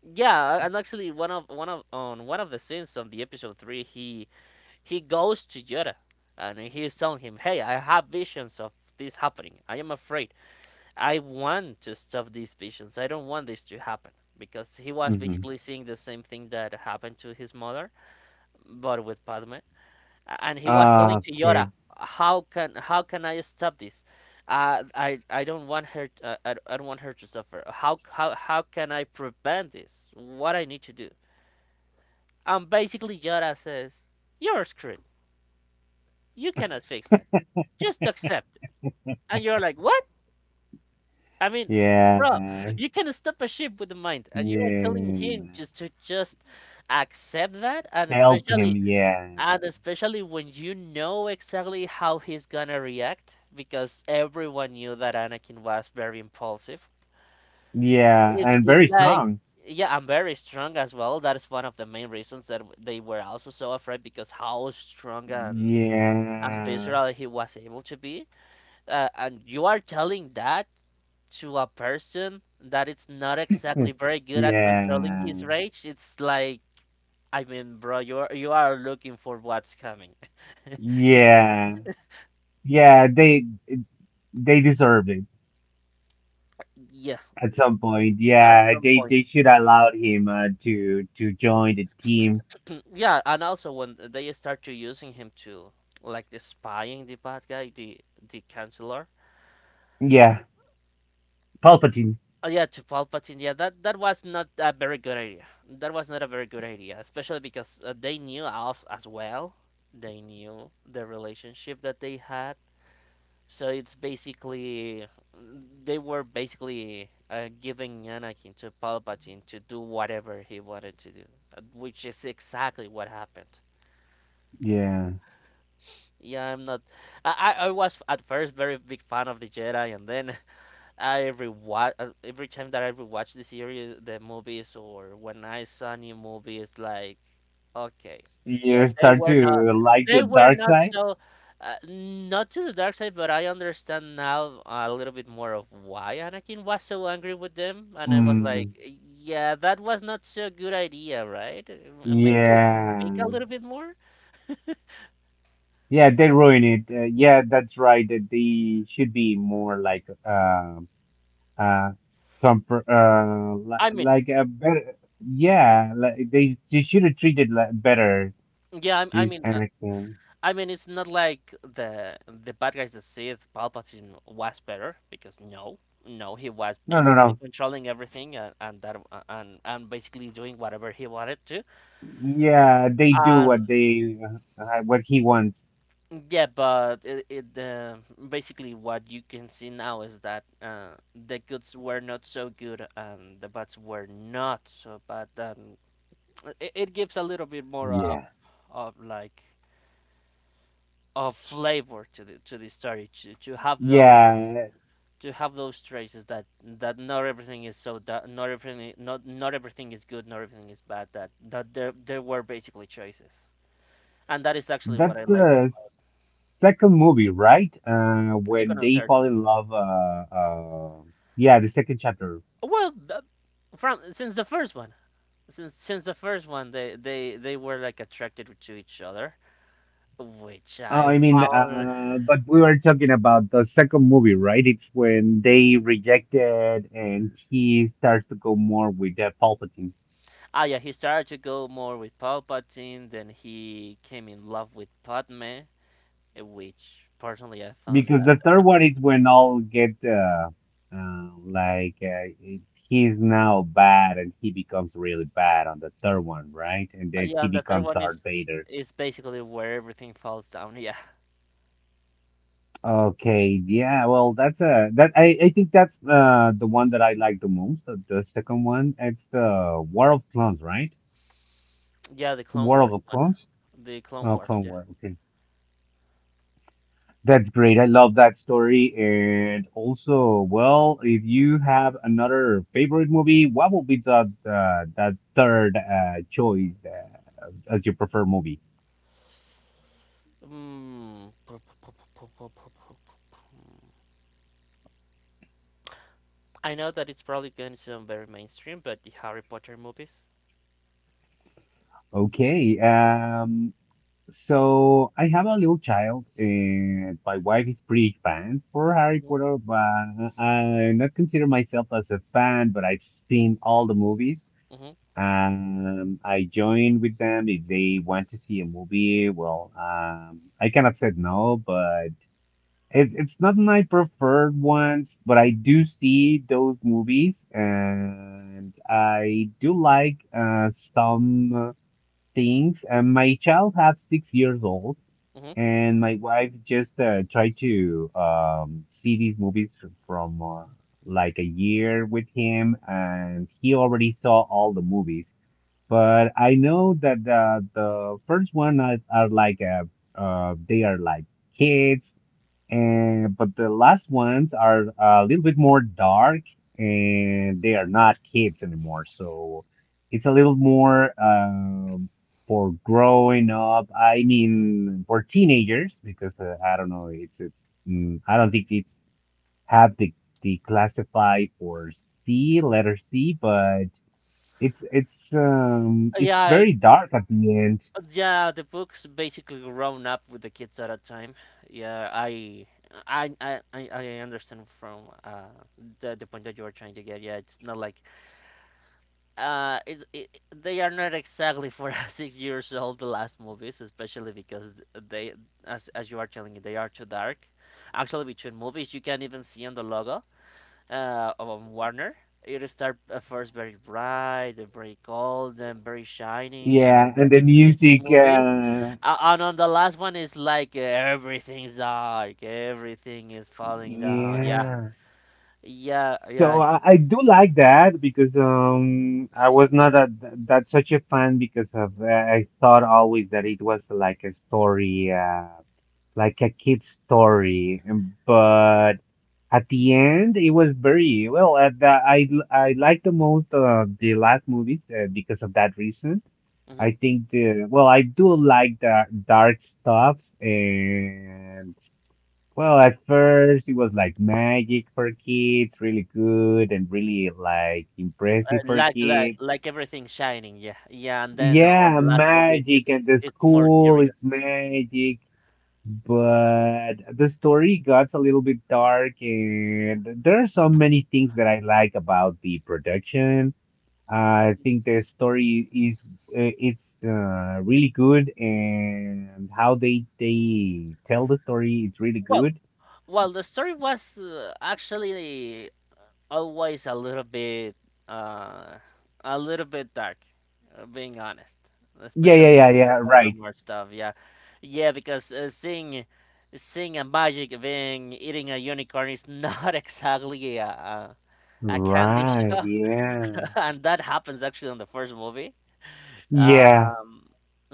Speaker 1: Yeah, and actually one of the scenes on the episode three, he goes to Yoda and he's telling him, Hey, I have visions of this happening. I am afraid. I want to stop these visions. I don't want this to happen. Because he was
Speaker 2: Mm-hmm.
Speaker 1: basically seeing the same thing that happened to his mother, but with Padme. And he was telling to Yoda,
Speaker 2: Okay.
Speaker 1: How can I stop this? I don't want her. I don't want her to suffer. How how can I prevent this? What I need to do? And basically, Yoda says, "You're screwed. You cannot fix that." Just accept it. And you're like, what? I mean, bro,
Speaker 2: Yeah.
Speaker 1: you can stop a ship with the mind. And you are telling him
Speaker 2: Yeah.
Speaker 1: just to just accept that. And
Speaker 2: Help him.
Speaker 1: especially
Speaker 2: Yeah.
Speaker 1: when you know exactly how he's gonna react, because everyone knew that Anakin was very impulsive.
Speaker 2: Yeah. And
Speaker 1: It's
Speaker 2: very
Speaker 1: like
Speaker 2: strong.
Speaker 1: Yeah, I'm very strong as well. That is one of the main reasons that they were also so afraid, because how strong and
Speaker 2: Yeah.
Speaker 1: visceral he was able to be. And you are telling that to a person that it's not exactly
Speaker 2: [LAUGHS]
Speaker 1: very good at controlling his
Speaker 2: Yeah.
Speaker 1: rage. It's like, I mean, bro, you are looking for what's coming. [LAUGHS]
Speaker 2: Yeah. Yeah. They deserve it
Speaker 1: Yeah,
Speaker 2: at some point.
Speaker 1: at
Speaker 2: Yeah.
Speaker 1: some
Speaker 2: They
Speaker 1: point.
Speaker 2: they should allow him to join the team.
Speaker 1: [CLEARS THROAT] Yeah, and also when they start to using him to the spying the bad guy, the counselor.
Speaker 2: Yeah. Palpatine.
Speaker 1: Oh yeah, to Palpatine. Yeah, that was not a very good idea. That was not a very good idea, especially because they knew us as well. They knew the relationship that they had. So it's basically they were basically giving Anakin to Palpatine to do whatever he wanted to do, which is exactly what happened.
Speaker 2: Yeah.
Speaker 1: Yeah, I'm not. I was at first very big fan of the Jedi. And then I every time that I rewatch the series, the movies, or when I saw new movies, like okay, yeah,
Speaker 2: You start to like
Speaker 1: they
Speaker 2: the
Speaker 1: were
Speaker 2: dark
Speaker 1: not
Speaker 2: side.
Speaker 1: so, not to the dark side, but I understand now a little bit more of why Anakin was so angry with them. And I was like,
Speaker 2: Mm.
Speaker 1: yeah, that was not so good idea, right? Maybe
Speaker 2: Yeah.
Speaker 1: speak a little bit more.
Speaker 2: Yeah, they ruin it. Yeah, that's right. that They should be more like uh,
Speaker 1: I mean,
Speaker 2: like a better. Yeah, like they should have treated like better
Speaker 1: yeah,
Speaker 2: these Anakin.
Speaker 1: I mean, it's not like the bad guys. That Sith Palpatine was better? Because no, no, he was
Speaker 2: No, no,
Speaker 1: basically
Speaker 2: no.
Speaker 1: controlling everything and that and basically doing whatever he wanted to.
Speaker 2: Yeah, they do
Speaker 1: Um,
Speaker 2: what he wants.
Speaker 1: yeah, but it basically what you can see now is that the goods were not so good and the bads were not so bad. And it gives a little bit more of
Speaker 2: Yeah,
Speaker 1: of like flavor to the story, to have
Speaker 2: yeah.
Speaker 1: those traces that not everything is, so that not everything, not everything is good, not everything is bad. That that There were basically choices, and that is actually what
Speaker 2: That's
Speaker 1: I like.
Speaker 2: the second movie, right? When
Speaker 1: Second and
Speaker 2: they
Speaker 1: third.
Speaker 2: fall in love. Yeah, the second chapter.
Speaker 1: Well, th- from since the first one, since the first one, they were like attracted to each other, which
Speaker 2: Oh,
Speaker 1: I
Speaker 2: I mean,
Speaker 1: found.
Speaker 2: but we were talking about the second movie, right? It's when they rejected and he starts to go more with the Palpatine.
Speaker 1: Ah, yeah, he started to go more with Palpatine, then he came in love with Padme, eh, which personally I found.
Speaker 2: Because the third one is when all get like he's now bad and he becomes really bad on the third one, right? And
Speaker 1: Uh,
Speaker 2: then
Speaker 1: yeah,
Speaker 2: he
Speaker 1: and the third
Speaker 2: becomes
Speaker 1: one
Speaker 2: Darth Vader.
Speaker 1: is basically where everything falls down. [LAUGHS] Yeah,
Speaker 2: Okay, yeah, well, that's a that I think that's the one that I like the most. The second one, it's the War of Clones, right?
Speaker 1: yeah, the Clone
Speaker 2: War of
Speaker 1: Wars
Speaker 2: the
Speaker 1: one,
Speaker 2: Clones.
Speaker 1: the Clone
Speaker 2: Oh,
Speaker 1: Wars.
Speaker 2: Clone
Speaker 1: Yeah.
Speaker 2: War. Okay. That's great. I love that story. And also, well, if you have another favorite movie, what will be that third choice as your preferred movie?
Speaker 1: Mm. I know that it's probably going to sound very mainstream, but the Harry Potter movies.
Speaker 2: Okay. So I have a little child, and my wife is pretty fan for Harry
Speaker 1: Mm-hmm.
Speaker 2: Potter, but I not consider myself as a fan, but I've seen all the movies.
Speaker 1: Mm-hmm.
Speaker 2: I join with them if they want to see a movie. Well, I cannot say no, but it's not my preferred ones. But I do see those movies, and I do like some things. And my child has 6 years old,
Speaker 1: Hmm.
Speaker 2: and my wife just tried to see these movies from like a year with him, and he already saw all the movies. But I know that the first one are like they are like kids, and but the last ones are a little bit more dark, and they are not kids anymore. So it's a little more for growing up. I mean, for teenagers because I don't know, I don't think it's have the classify for C letter C, but
Speaker 1: Yeah,
Speaker 2: it's
Speaker 1: I,
Speaker 2: very dark at the end.
Speaker 1: yeah, the books basically grown up with the kids at a time. Yeah, I I understand from the point that you are trying to get. Yeah, it's not like it, it they are not exactly for [LAUGHS] 6 years old, the last movies, especially because they, as you are telling me, they are too dark. Actually, between movies you can even see on the logo on Warner. It start first very bright, then very cold, then very shining,
Speaker 2: Yeah,
Speaker 1: and then
Speaker 2: and the
Speaker 1: between each
Speaker 2: music.
Speaker 1: movie, and on the last one is like everything's dark, everything is falling down. Yeah,
Speaker 2: Yeah.
Speaker 1: yeah,
Speaker 2: So
Speaker 1: yeah.
Speaker 2: I do like that because I was not a, that that such a fan because of I thought always that it was like a story. Like a kid's story, but at the end it was very well. I like the most the last movies because of that reason.
Speaker 1: Mm-hmm.
Speaker 2: I think the Well, I do like the dark stuffs, and well, at first it was like magic for kids, really good and really like
Speaker 1: Uh,
Speaker 2: impressive for
Speaker 1: like like
Speaker 2: kids.
Speaker 1: like everything shining, yeah, yeah. And then on
Speaker 2: Yeah,
Speaker 1: the last movies,
Speaker 2: magic and the
Speaker 1: it's more
Speaker 2: school is
Speaker 1: serious.
Speaker 2: magic but the story got a little bit dark and there are so many things that I like about the production. I think the story is it's really good and how they tell the story it's really
Speaker 1: Well,
Speaker 2: good.
Speaker 1: well, the story was actually always uh, a little bit dark, being honest,
Speaker 2: Yeah, yeah,
Speaker 1: especially with
Speaker 2: yeah,
Speaker 1: the
Speaker 2: yeah, right.
Speaker 1: Voldemort stuff. Yeah, yeah, because seeing seeing a magic being eating a unicorn is not [LAUGHS] exactly a candy
Speaker 2: Right,
Speaker 1: shop,
Speaker 2: yeah.
Speaker 1: [LAUGHS] and that happens actually on the first movie.
Speaker 2: Yeah,
Speaker 1: Um,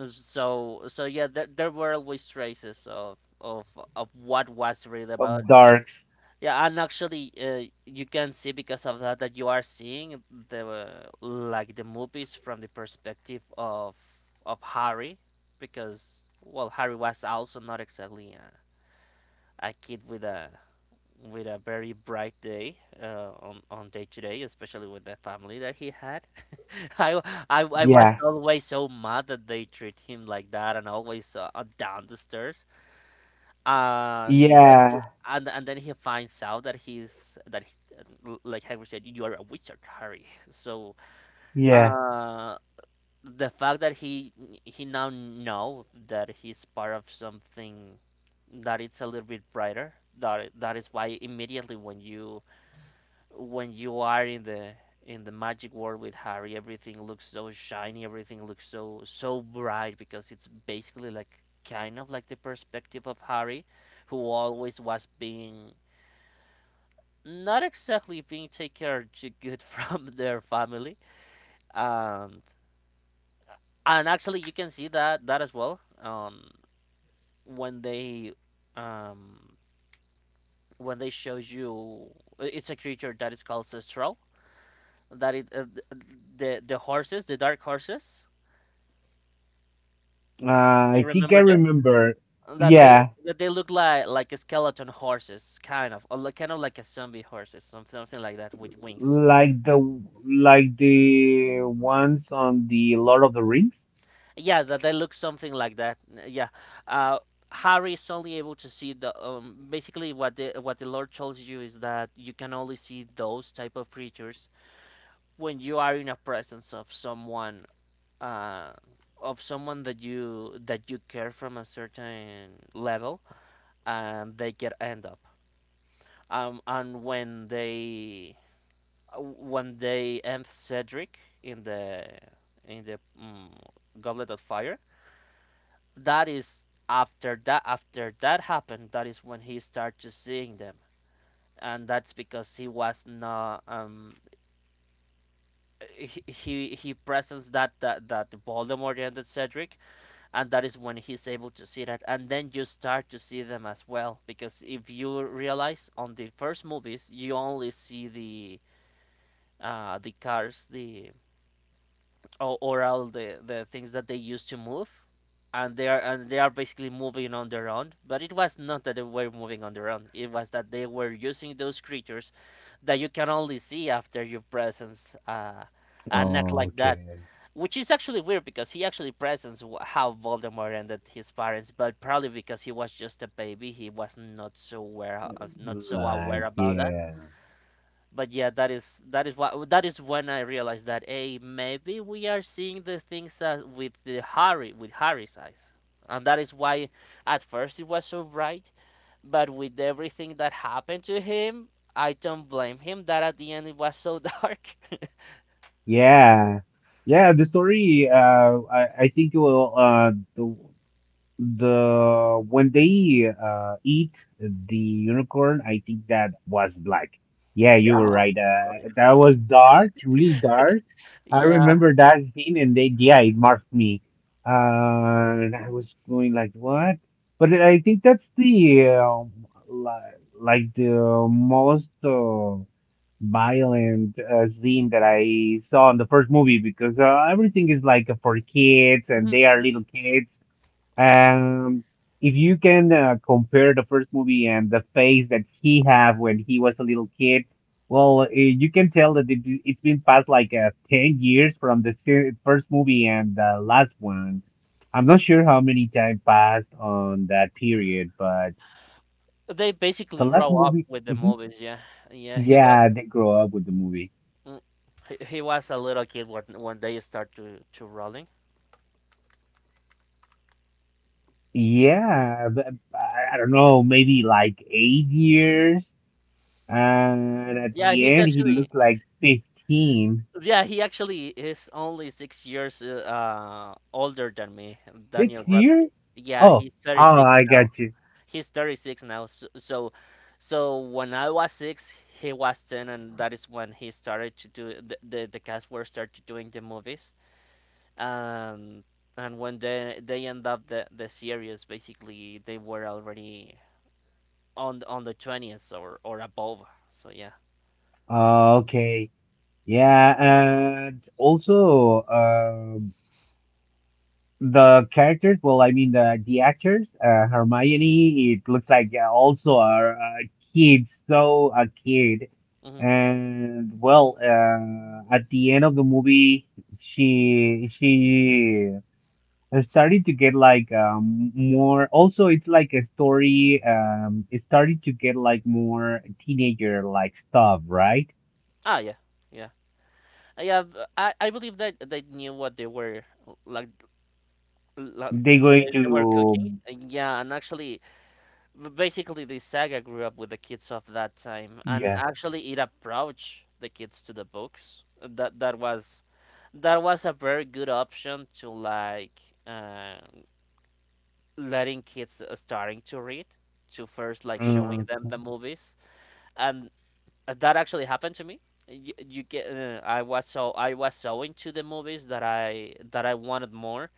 Speaker 1: so so yeah, there were always traces of what was really about.
Speaker 2: of darks.
Speaker 1: Yeah, and actually, you can see because of that, that you are seeing the like the movies from the perspective of Harry, because well, Harry was also not exactly a kid with a very bright day on day to day, especially with the family that he had. [LAUGHS] I was
Speaker 2: Yeah.
Speaker 1: always so mad that they treat him like that and always down the stairs. And then he
Speaker 2: Yeah.
Speaker 1: and then he finds out that he's that he, like Harry said, you are a wizard, Harry. [LAUGHS] So
Speaker 2: Yeah.
Speaker 1: uh, the fact that he now know that he's part of something that it's a little bit brighter, that that is why immediately when you are in the magic world with Harry, everything looks so shiny, everything looks so so bright, because it's basically like kind of like the perspective of Harry, who always was being not exactly being taken care of too good [LAUGHS] from their family. And and actually you can see that that as well. Um. when they um, when they show you, it's a creature that is called Sestral. That it the horses, the dark horses. Do you
Speaker 2: I think I
Speaker 1: remember them?
Speaker 2: remember.
Speaker 1: That they
Speaker 2: Yeah.
Speaker 1: that they look like skeleton horses, kind of, or like, kind of like a zombie horses, some- something like that with wings.
Speaker 2: like the like the ones on the Lord of the Rings.
Speaker 1: Yeah, that they look something like that. Yeah. Uh, Harry is only able to see the basically what the Lord tells you is that you can only see those type of creatures when you are in a presence uh, of someone that you care from a certain level, and they get end up and when they end Cedric in the in the Goblet of Fire. That is after that, after that happened, that is when he started to seeing them, and that's because he was not he presents that that Voldemort ended Cedric, and that is when he's able to see that. And then you start to see them as well, because if you realize, on the first movies you only see the cars, the or all the things that they used to move, and they are basically moving on their own. But it was not that they were moving on their own, it was that they were using those creatures that you can only see after your presence, and act like that.
Speaker 2: Okay.
Speaker 1: Which is actually weird because he actually presents how Voldemort ended his parents, but probably because he was just a baby, he was not so aware, not so aware
Speaker 2: Like
Speaker 1: about that.
Speaker 2: yeah,
Speaker 1: But yeah, that is what that is when I realized that, hey, maybe we are seeing the things with Harry's eyes, and that is why at first it was so bright, but with everything that happened to him, I don't blame him that at the end it was so dark. [LAUGHS]
Speaker 2: yeah, yeah. The story. I think it will. The. The When they eat the unicorn, I think that was black. Yeah,
Speaker 1: Yeah.
Speaker 2: you were
Speaker 1: Oh,
Speaker 2: right. That was dark, really dark. I
Speaker 1: yeah.
Speaker 2: remember that scene, and they yeah, it marked me. Uh, and I was going like, what? But I think that's the like the most violent scene that I saw in the first movie because everything is like for kids, and
Speaker 1: Yeah.
Speaker 2: they are little kids, um, if you can compare the first movie and the face that he have when he was a little kid, well, you can tell that it's been past like 10 years from the first movie and the last one. I'm not sure how many time passed on that period, but
Speaker 1: They
Speaker 2: the
Speaker 1: basically
Speaker 2: last
Speaker 1: grow up
Speaker 2: movie.
Speaker 1: with the
Speaker 2: Mhm.
Speaker 1: movies. Yeah, yeah. He was
Speaker 2: Yeah, they grow up with the movie.
Speaker 1: mm, he was a little kid when they start to rolling.
Speaker 2: Yeah, but I don't know, maybe like 8 years. And at
Speaker 1: Yeah,
Speaker 2: the
Speaker 1: he's
Speaker 2: end, he
Speaker 1: actually,
Speaker 2: looked like 15.
Speaker 1: yeah he actually is only 6 years older than me, Daniel
Speaker 2: 6 years?
Speaker 1: Radcliffe. Yeah,
Speaker 2: Oh,
Speaker 1: he's thirty
Speaker 2: oh,
Speaker 1: six
Speaker 2: I
Speaker 1: now.
Speaker 2: got you.
Speaker 1: He's 36 now. So, so so when I was 6, he was 10, and that is when he started to do the cast were started doing the movies. and and when they end up the series, basically they were already on the 20s or above. So yeah.
Speaker 2: Okay. Yeah, and also the characters, well, I mean the actors, Hermione, it looks like also are kids, so a kid.
Speaker 1: Hmm.
Speaker 2: And well, at the end of the movie, she I started to get like more, also it's like a story. It started to get like more teenager like stuff, right?
Speaker 1: Ah yeah, yeah, yeah. I believe that they knew what they were like. like
Speaker 2: they going to
Speaker 1: they were cooking. And yeah, and actually, basically, the saga grew up with the kids of that time, and
Speaker 2: Yeah.
Speaker 1: actually, it approached the kids to the books. That was that was a very good option to like. Uh, Letting kids starting to read, to first like showing
Speaker 2: Mm.
Speaker 1: them the movies, and that actually happened to me. You you get I was so, I was so into the movies that I wanted more.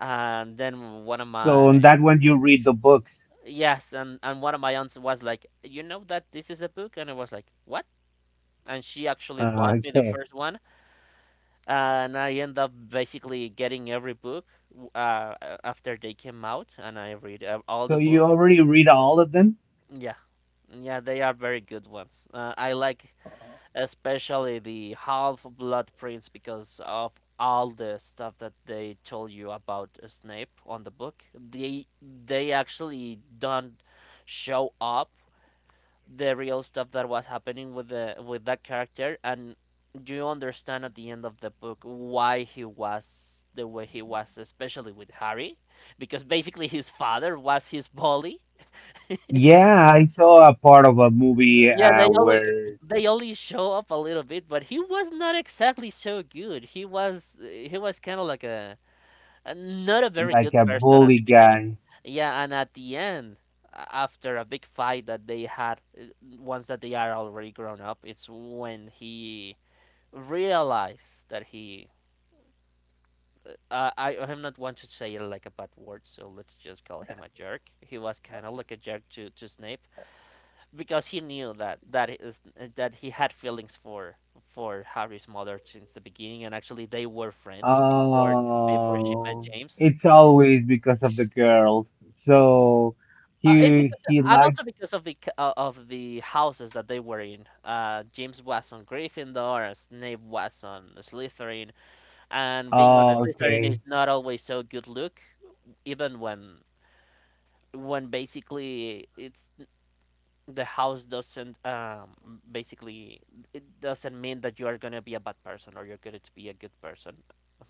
Speaker 1: And then one of
Speaker 2: So
Speaker 1: my,
Speaker 2: on that one you read the books.
Speaker 1: yes, and one of my aunts was like, you know that this is a book? And I was like, what? And she actually bought me the
Speaker 2: Okay,
Speaker 1: first one. And I end up basically getting every book after they came out, and I read all
Speaker 2: so
Speaker 1: the
Speaker 2: you
Speaker 1: books.
Speaker 2: already read all of them.
Speaker 1: Yeah. Yeah, they are very good ones. I like especially the Half Blood Prince, because of all the stuff that they told you about Snape on the book. They actually don't show up the real stuff that was happening with the with that character, and you understand at the end of the book why he was the way he was, especially with Harry, because basically his father was his bully.
Speaker 2: Yeah, I saw a part of a movie
Speaker 1: Yeah,
Speaker 2: where.
Speaker 1: they only show up a little bit, but he was not exactly so good. He was kind of like a not a very
Speaker 2: Like
Speaker 1: good
Speaker 2: a
Speaker 1: person at
Speaker 2: bully
Speaker 1: the beginning.
Speaker 2: guy.
Speaker 1: Yeah, and at the end, after a big fight that they had, once that they are already grown up, it's when he realized that he I am not one to say like a bad word, so let's just call him a jerk. He was kind of like a jerk to Snape, because he knew that that is that he had feelings for Harry's mother since the beginning, and actually they were friends before before she met
Speaker 2: Oh,
Speaker 1: James.
Speaker 2: it's always because of the girls. So
Speaker 1: It's
Speaker 2: he
Speaker 1: because,
Speaker 2: he
Speaker 1: and
Speaker 2: liked.
Speaker 1: also because of of the houses that they were in. James was on Gryffindor, and Snape was on Slytherin, and being on the
Speaker 2: Oh,
Speaker 1: Slytherin is
Speaker 2: okay.
Speaker 1: not always so good look, even when basically it's the house doesn't basically it doesn't mean that you are gonna be a bad person or you're going to be a good person.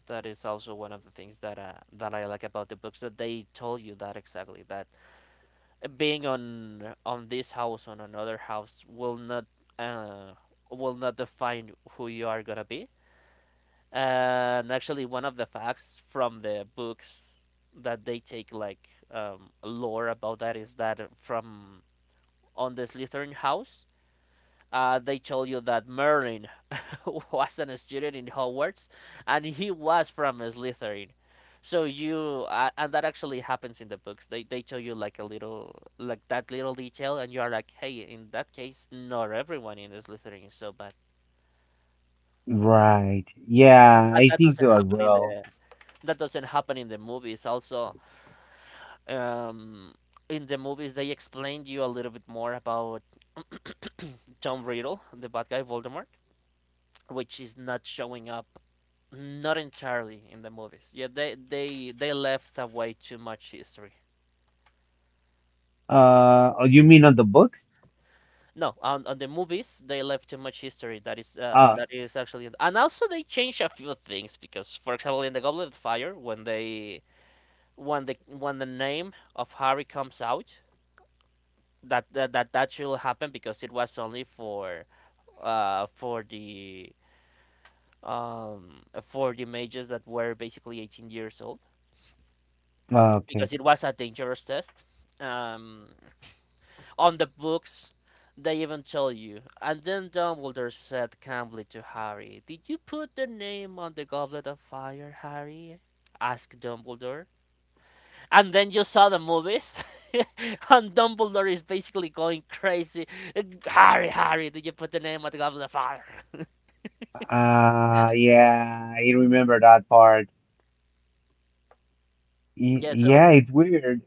Speaker 1: That is also one of the things that that I like about the books, that they told you that, exactly that, being on this house, on another house, uh will not define who you are gonna be. And actually, one of the facts from the books that they take like lore about that is that from on the Slytherin house, They told you that Merlin [LAUGHS] was a student in Hogwarts, and he was from Slytherin. So you, and that actually happens in the books. They tell you like a little like that little detail, and you are like, hey, in that case, not everyone in Slytherin is so bad.
Speaker 2: Right. Yeah,
Speaker 1: And
Speaker 2: I
Speaker 1: that
Speaker 2: think
Speaker 1: doesn't
Speaker 2: so as
Speaker 1: happen in
Speaker 2: well.
Speaker 1: the movies. Also, um, in the movies they explained you a little bit more about Tom Riddle, the bad guy Voldemort, which is not showing up. Not entirely in the movies. Yeah, they left away too much history.
Speaker 2: Oh, you mean on the books?
Speaker 1: No, on the movies they left too much history.
Speaker 2: Ah,
Speaker 1: That is actually, and also they changed a few things because, for example, in the Goblet of Fire, when they when the name of Harry comes out, that should happen because it was only for uh for the the mages that were basically 18 years old,
Speaker 2: okay.
Speaker 1: because it was a dangerous test. Um, on the books, they even tell you. And then Dumbledore said calmly to Harry, "Did you put the name on the Goblet of Fire, Harry?" asked Dumbledore. And then you saw the movies? [LAUGHS] And Dumbledore is basically going crazy. Harry, Harry, did you put the name on the Goblet of Fire?
Speaker 2: Yeah, I remember that part.
Speaker 1: [LAUGHS]
Speaker 2: Y
Speaker 1: Yeah,
Speaker 2: yeah,
Speaker 1: so.
Speaker 2: it's weird.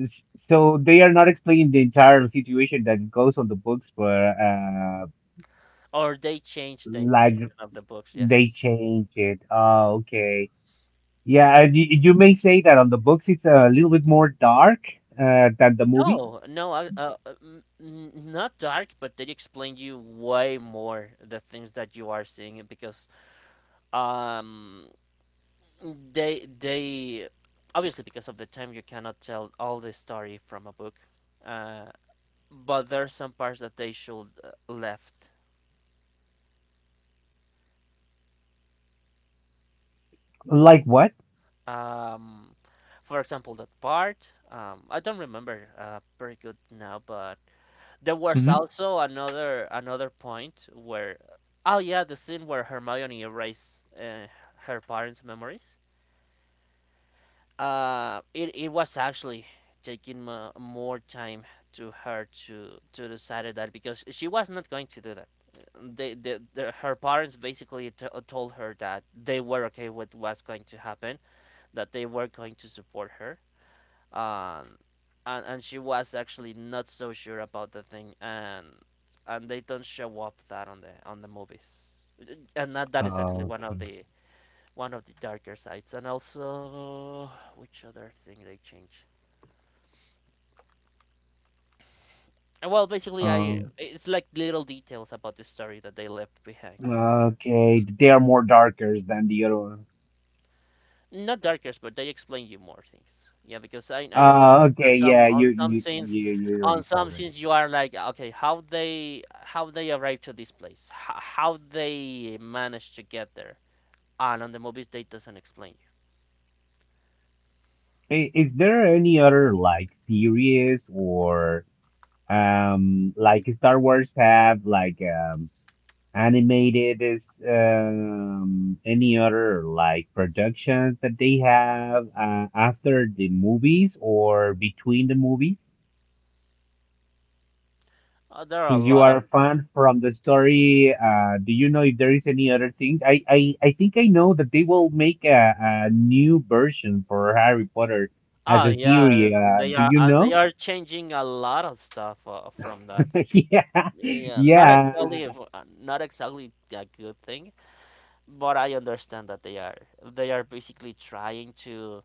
Speaker 2: S- So they are not explaining the entire situation that goes on the books, but
Speaker 1: Or they changed the
Speaker 2: like
Speaker 1: intention of the books, yeah.
Speaker 2: they change it. Oh, okay. Yeah, and you may say that on the books it's a little bit more dark than the movies.
Speaker 1: No, no, not dark, but they explain you way more the things that you are seeing because um they obviously because of the time you cannot tell all the story from a book, uh but there are some parts that they should left.
Speaker 2: Like what?
Speaker 1: Um for example that part um I don't remember very good now, but there was
Speaker 2: Hmm.
Speaker 1: also another point where, oh yeah, the scene where hermione erased her parents memories. It was actually taking more time to her to decide that because she was not going to do that. They, the her parents basically told her that they were okay with what's going to happen, that they were going to support her. Um, and she was actually not so sure about the thing, and they don't show up that on the movies, and that is actually one of
Speaker 2: Okay.
Speaker 1: the darker sides. And also, which other thing they changed? Well, basically I
Speaker 2: Um,
Speaker 1: it's like little details about the story that they left behind.
Speaker 2: okay, they are more darker than the other one.
Speaker 1: Not darkers, but they explain you more things, yeah, because I know that,
Speaker 2: Okay,
Speaker 1: that some
Speaker 2: yeah, you
Speaker 1: on some
Speaker 2: you
Speaker 1: scenes,
Speaker 2: you you
Speaker 1: on
Speaker 2: already
Speaker 1: some
Speaker 2: told it.
Speaker 1: scenes you are like, okay, how they arrived to this place, how they managed to get there, and on the movies they doesn't explain you.
Speaker 2: Is there any other like series or like Star Wars have like animated is any other like productions that they have after the movies or between the movies?
Speaker 1: There are a
Speaker 2: Since you
Speaker 1: lot
Speaker 2: are a
Speaker 1: of.
Speaker 2: fan from the story, do you know if there is any other thing? I think I know that they will make a new version for Harry Potter as
Speaker 1: Oh
Speaker 2: a
Speaker 1: yeah,
Speaker 2: series.
Speaker 1: and
Speaker 2: Do you
Speaker 1: they
Speaker 2: know?
Speaker 1: are changing a lot of stuff from that.
Speaker 2: [LAUGHS] Yeah,
Speaker 1: Yeah, not
Speaker 2: yeah,
Speaker 1: exactly, not exactly a good thing, but I understand that they are. They are basically trying to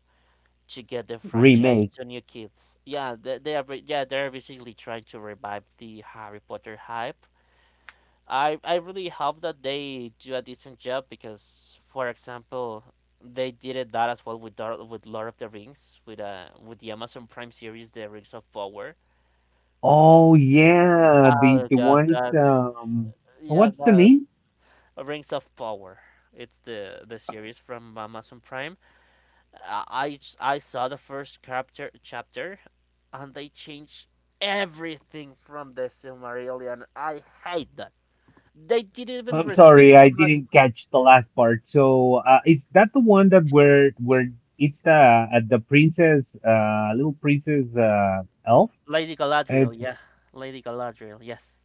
Speaker 1: get the franchise
Speaker 2: remake.
Speaker 1: to new kids. Yeah, they are. Yeah, they are basically trying to revive the Harry Potter hype. I really hope that they do a decent job because, for example, they did it that as well with with Lord of the Rings, with the Amazon Prime series, The Rings of Power.
Speaker 2: Oh yeah, the
Speaker 1: Oh
Speaker 2: the
Speaker 1: God,
Speaker 2: one it's.
Speaker 1: that yeah,
Speaker 2: What's the
Speaker 1: that
Speaker 2: name?
Speaker 1: Rings of Power. It's the series from Amazon Prime. I saw the first chapter, and they changed everything from the Silmarillion. I hate that. They didn't even
Speaker 2: I'm
Speaker 1: respect
Speaker 2: sorry, I
Speaker 1: the as.
Speaker 2: didn't catch the last part. So, is that the one that where it's the princess, little princess, elf?
Speaker 1: Lady Galadriel.
Speaker 2: It's
Speaker 1: Yeah, Lady Galadriel. Yes.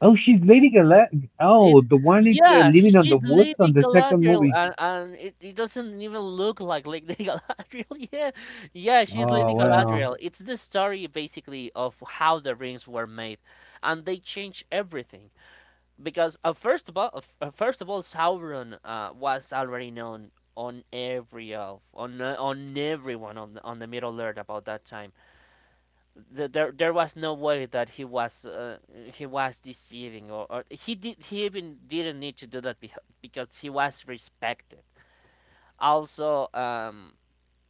Speaker 2: Oh, she's Lady Gaga. Oh,
Speaker 1: It's
Speaker 2: the one it's living on the
Speaker 1: she's
Speaker 2: woods on
Speaker 1: Lady
Speaker 2: the second
Speaker 1: Galadriel,
Speaker 2: movie.
Speaker 1: and, it, it doesn't even look like Lady [LAUGHS] Galadriel. Yeah, yeah, she's
Speaker 2: Oh
Speaker 1: Lady
Speaker 2: well,
Speaker 1: Galadriel. It's the story basically of how the rings were made, and they change everything because first of all, first of all, Sauron was already known on every elf, on everyone on on the Middle Earth about that time. There there was no way that he was deceiving or he did, he even didn't need to do that because he was respected. Also, um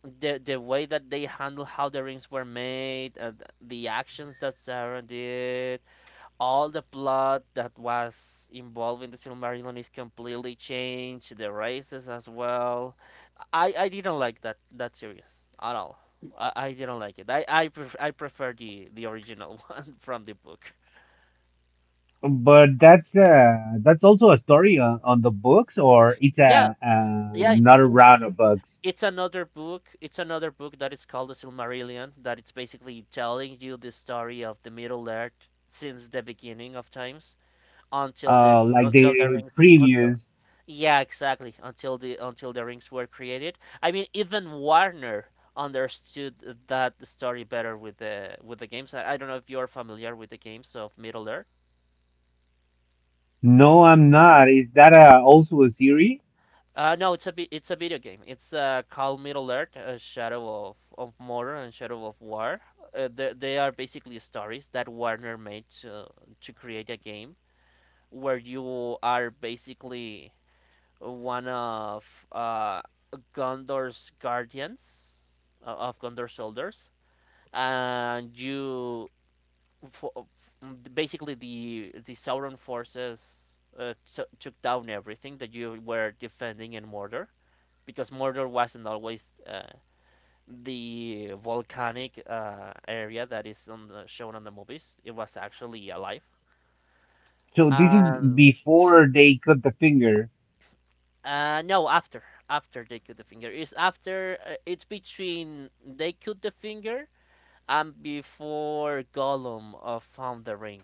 Speaker 1: the the way that they handled how the rings were made, the actions that Sauron did, all the plot that was involved in the Silmarillion is completely changed, the races as well. I didn't like that series at all. I didn't like it. I prefer the original [LAUGHS] one from the book.
Speaker 2: but that's also a story on the books, or it's a
Speaker 1: Yeah, yeah.
Speaker 2: not
Speaker 1: It's
Speaker 2: a
Speaker 1: it's
Speaker 2: round of books.
Speaker 1: it's another book. It's another book that is called the Silmarillion. That it's basically telling you the story of the Middle Earth since the beginning of times
Speaker 2: Like
Speaker 1: until the
Speaker 2: the
Speaker 1: rings until
Speaker 2: previous.
Speaker 1: Yeah, exactly. Until the rings were created. I mean, even Warner understood that story better with the games. I don't know if you're familiar with the games of Middle Earth.
Speaker 2: No, I'm not. Is that also a series?
Speaker 1: No, it's a it's a video game. It's called Middle Earth: Shadow of Mordor and Shadow of War. They are basically stories that Warner made to create a game where you are basically one of Gondor's guardians of Gondor's soldiers, and fo- basically the Sauron forces took down everything that you were defending in Mordor, because Mordor wasn't always the volcanic area that is on shown on the movies. It was actually alive.
Speaker 2: So this is
Speaker 1: And.
Speaker 2: before they cut the finger,
Speaker 1: No, after, after they cut the finger. It's after, it's between they cut the finger and before Gollum found the ring.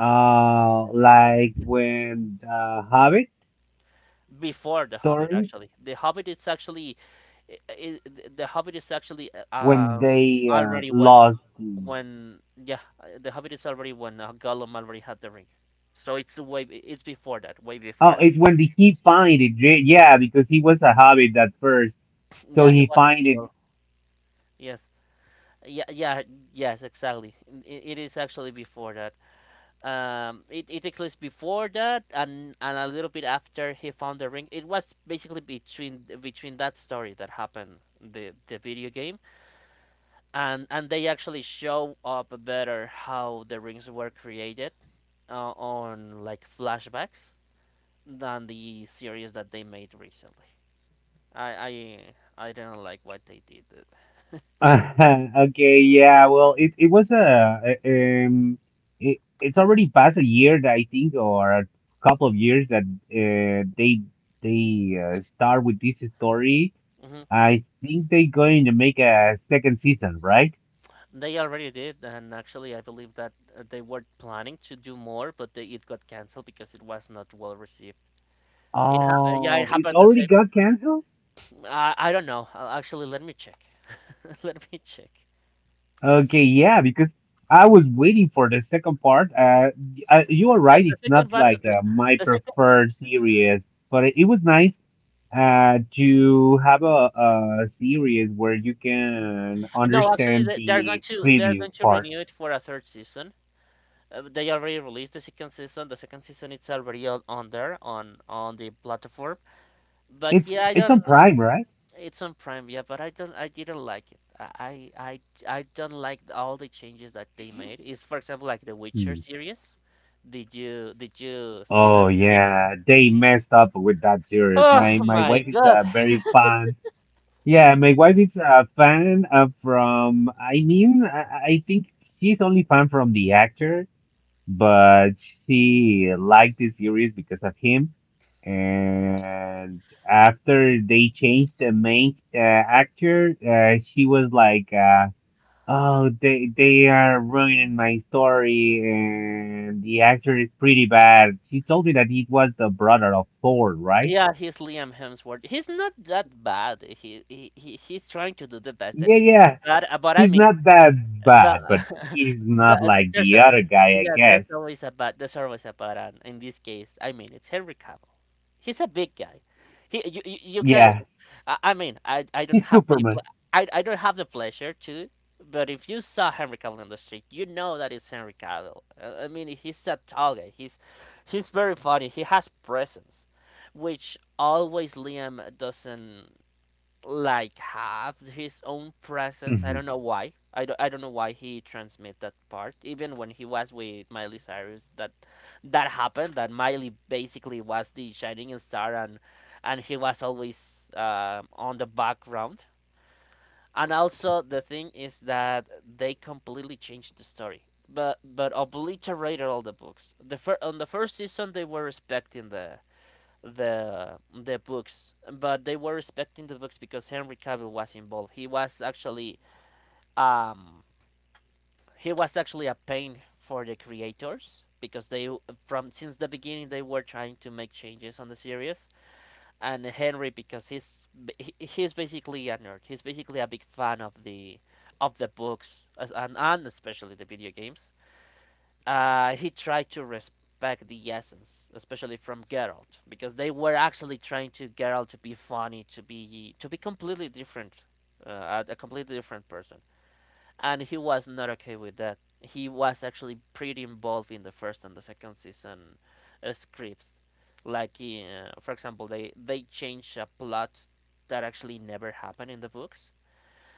Speaker 2: like when Hobbit
Speaker 1: Before the Hobbit,
Speaker 2: story
Speaker 1: actually, the Hobbit is actually, I the Hobbit is actually
Speaker 2: when they
Speaker 1: already when,
Speaker 2: lost.
Speaker 1: yeah, the Hobbit is already when Gollum already had the ring. So it's the way it's before that, way
Speaker 2: Oh,
Speaker 1: before that.
Speaker 2: it's when he find it. Yeah, because he was a hobbit at first,
Speaker 1: [LAUGHS]
Speaker 2: so
Speaker 1: Yeah, he
Speaker 2: he
Speaker 1: was
Speaker 2: find
Speaker 1: a
Speaker 2: it.
Speaker 1: male. Yes. Yeah, yeah, yes, exactly. It is actually before that. It includes before that and a little bit after he found the ring. It was basically between that story that happened the video game, and they actually show up better how the rings were created, on like flashbacks, than the series that they made recently. I I don't like what they did.
Speaker 2: Uh, [LAUGHS] Okay, yeah. Well, it was a- um it's already past a year that I think or a couple of years that uh, they they start with this story.
Speaker 1: Hmm.
Speaker 2: I think they're going to make a second season, right?
Speaker 1: They already did, and actually, I believe that they were planning to do more, but they, it got canceled because it was not well received. Yeah,
Speaker 2: Oh,
Speaker 1: it
Speaker 2: it
Speaker 1: happened the
Speaker 2: already
Speaker 1: same.
Speaker 2: got canceled?
Speaker 1: I don't know. Actually, let me check. [LAUGHS] Let me check.
Speaker 2: Okay, yeah, because I was waiting for the second part. You are
Speaker 1: The,
Speaker 2: right.
Speaker 1: the
Speaker 2: It's
Speaker 1: second
Speaker 2: not
Speaker 1: but
Speaker 2: like
Speaker 1: the,
Speaker 2: my
Speaker 1: the second.
Speaker 2: preferred series, but it was nice to have a series where you can
Speaker 1: No, actually,
Speaker 2: understand
Speaker 1: they're going
Speaker 2: the previous
Speaker 1: to
Speaker 2: part.
Speaker 1: renew it for a third season. They already released the second season. The second season it's already on there on the platform. But
Speaker 2: It's
Speaker 1: yeah, I
Speaker 2: it's on
Speaker 1: don't.
Speaker 2: Prime, right?
Speaker 1: It's on Prime, yeah. But I don't. I didn't like it. I don't like all the changes that they made. Is for example like the Witcher
Speaker 2: Hmm.
Speaker 1: series. Did you see that
Speaker 2: Oh
Speaker 1: series?
Speaker 2: yeah, they messed up with that series. My
Speaker 1: Oh
Speaker 2: my
Speaker 1: my
Speaker 2: wife is
Speaker 1: god.
Speaker 2: a very fan. Yeah, my wife is a fan I mean, I think she's only fan from the actor, but she liked the series because of him. And after they changed the main actor, she was like, "Oh, they are ruining my story, and the actor is pretty bad." She told me that it was the brother of Thor, right?
Speaker 1: Yeah, he's Liam Hemsworth. He's not that bad. He's trying to do the best that
Speaker 2: Yeah,
Speaker 1: he can.
Speaker 2: yeah.
Speaker 1: But I
Speaker 2: He's
Speaker 1: mean,
Speaker 2: not that
Speaker 1: but
Speaker 2: bad, but
Speaker 1: [LAUGHS]
Speaker 2: he's not
Speaker 1: but
Speaker 2: like
Speaker 1: there's
Speaker 2: the
Speaker 1: a
Speaker 2: other guy, I
Speaker 1: yeah there's
Speaker 2: guess.
Speaker 1: always a but, there's always a but, and in this case, I mean, it's Henry Cavill. He's a big guy. You can,
Speaker 2: Yeah,
Speaker 1: I mean, I don't
Speaker 2: he's
Speaker 1: have
Speaker 2: Superman.
Speaker 1: I don't have the pleasure to, but if you saw Henry Cavill in the street, you know that it's Henry Cavill. I mean, he's a tall guy. He's very funny, he has presence, which always Liam doesn't like have his own presence. I
Speaker 2: Hmm.
Speaker 1: don't know why. I don't know why he transmit that part. Even when he was with Miley Cyrus, that happened. That Miley basically was the shining star, and he was always on the background. And also the thing is that they completely changed the story, but obliterated all the books. On the first season they were respecting the books, but they were respecting the books because Henry Cavill was involved. Um he was actually a pain for the creators because they, from since the beginning, they were trying to make changes on the series, and Henry, because he's, he's basically a nerd. He's basically a big fan of the books and especially the video games. He tried to respect the essence, especially from Geralt, because they were actually trying to Geralt to be funny, to be completely different, a completely different person, and he was not okay with that. He was actually pretty involved in the first and the second season scripts, like for example, they changed a plot that actually never happened in the books.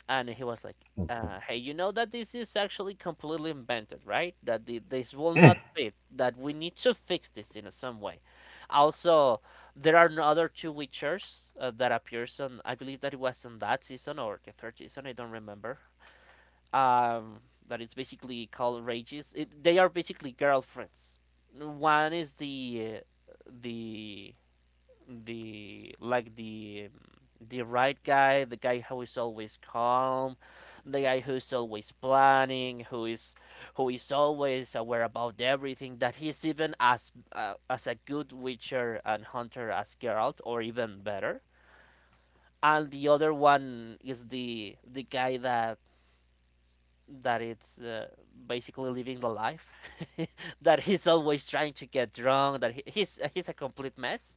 Speaker 1: And he was like,
Speaker 2: Okay. [LAUGHS]
Speaker 1: "Hey, you know that this is actually completely invented, right? This will
Speaker 2: Eh,
Speaker 1: not fit. That we need to fix this in some way. Also, there are no other two Witchers that appears on. I believe that it was on that season or the third season. I don't remember. Um, that it's basically called Rages. They are basically girlfriends. One is the uh, the the like the the right guy, the guy who is always calm, the guy who's always planning, who is always aware about everything. That he's even as a good witcher and hunter as Geralt, or even better. And the other one is the guy that that it's basically living the life, [LAUGHS] that he's always trying to get drunk. That he, he's a complete mess,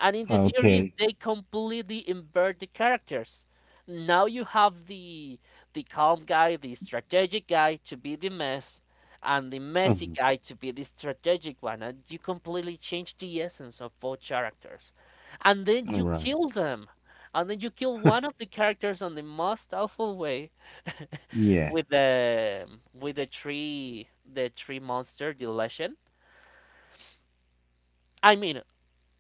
Speaker 1: and in the series,
Speaker 2: okay.
Speaker 1: they completely invert the characters. Now you have the calm guy, the strategic guy to be the mess, and the messy
Speaker 2: Mhm.
Speaker 1: guy to be the strategic one, and you completely change the essence of both characters. And then
Speaker 2: All
Speaker 1: you
Speaker 2: right.
Speaker 1: kill them. And then you kill one of the characters on the most awful way
Speaker 2: Yeah.
Speaker 1: with the with the tree monster, the legend. I mean,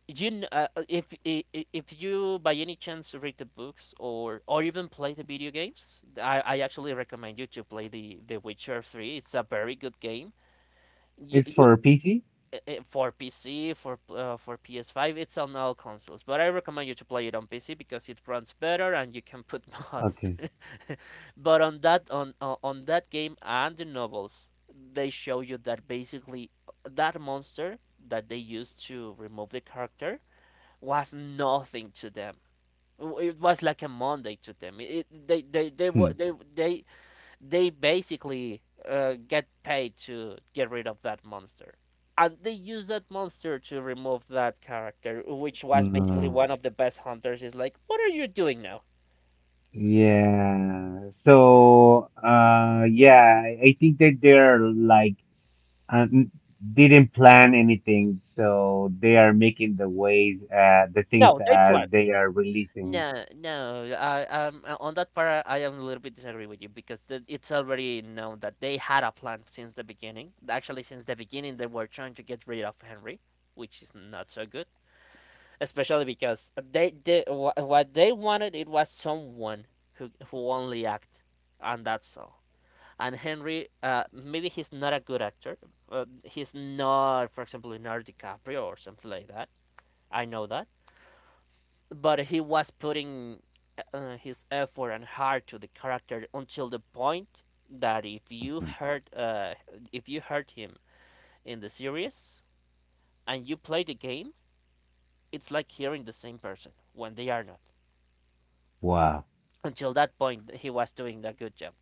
Speaker 1: if if you by any chance read the books or even play the video games, I actually recommend you to play The Witcher 3. It's a very good game. You
Speaker 2: It's
Speaker 1: you
Speaker 2: for PC?
Speaker 1: For PC, for PS5, it's on all consoles, but I recommend you to play it on PC because it runs better and you can put [LAUGHS] mods.
Speaker 2: Okay.
Speaker 1: [LAUGHS] But on that game and the novels, they show you that basically that monster that they used to remove the character was nothing to them. It was like a Monday to them. It, they, wa-
Speaker 2: Hmm.
Speaker 1: they basically get paid to get rid of that monster. And they use that monster to remove that character, which was basically one
Speaker 2: Mm,
Speaker 1: of the best hunters. Is like, what are you doing now?
Speaker 2: yeah. So, yeah, I think that uh, n- didn't plan anything, so they are making the ways, the things
Speaker 1: No, they
Speaker 2: as
Speaker 1: plan.
Speaker 2: they are releasing.
Speaker 1: No, no. I On that part, I am a little bit disagree with you because it's already known that they had a plan since the beginning. Actually, since the beginning they were trying to get rid of Henry, which is not so good, especially because they did what they wanted. It was someone who only act, and that's all. And Henry, maybe he's not a good actor. He's not, for example, Leonardo DiCaprio or something like that. I know that, but he was putting his effort and heart to the character until the point that
Speaker 2: Mhm.
Speaker 1: if you heard him in the series and you play the game, it's like hearing the same person when they are not.
Speaker 2: Wow.
Speaker 1: Until that point, he was doing a good job.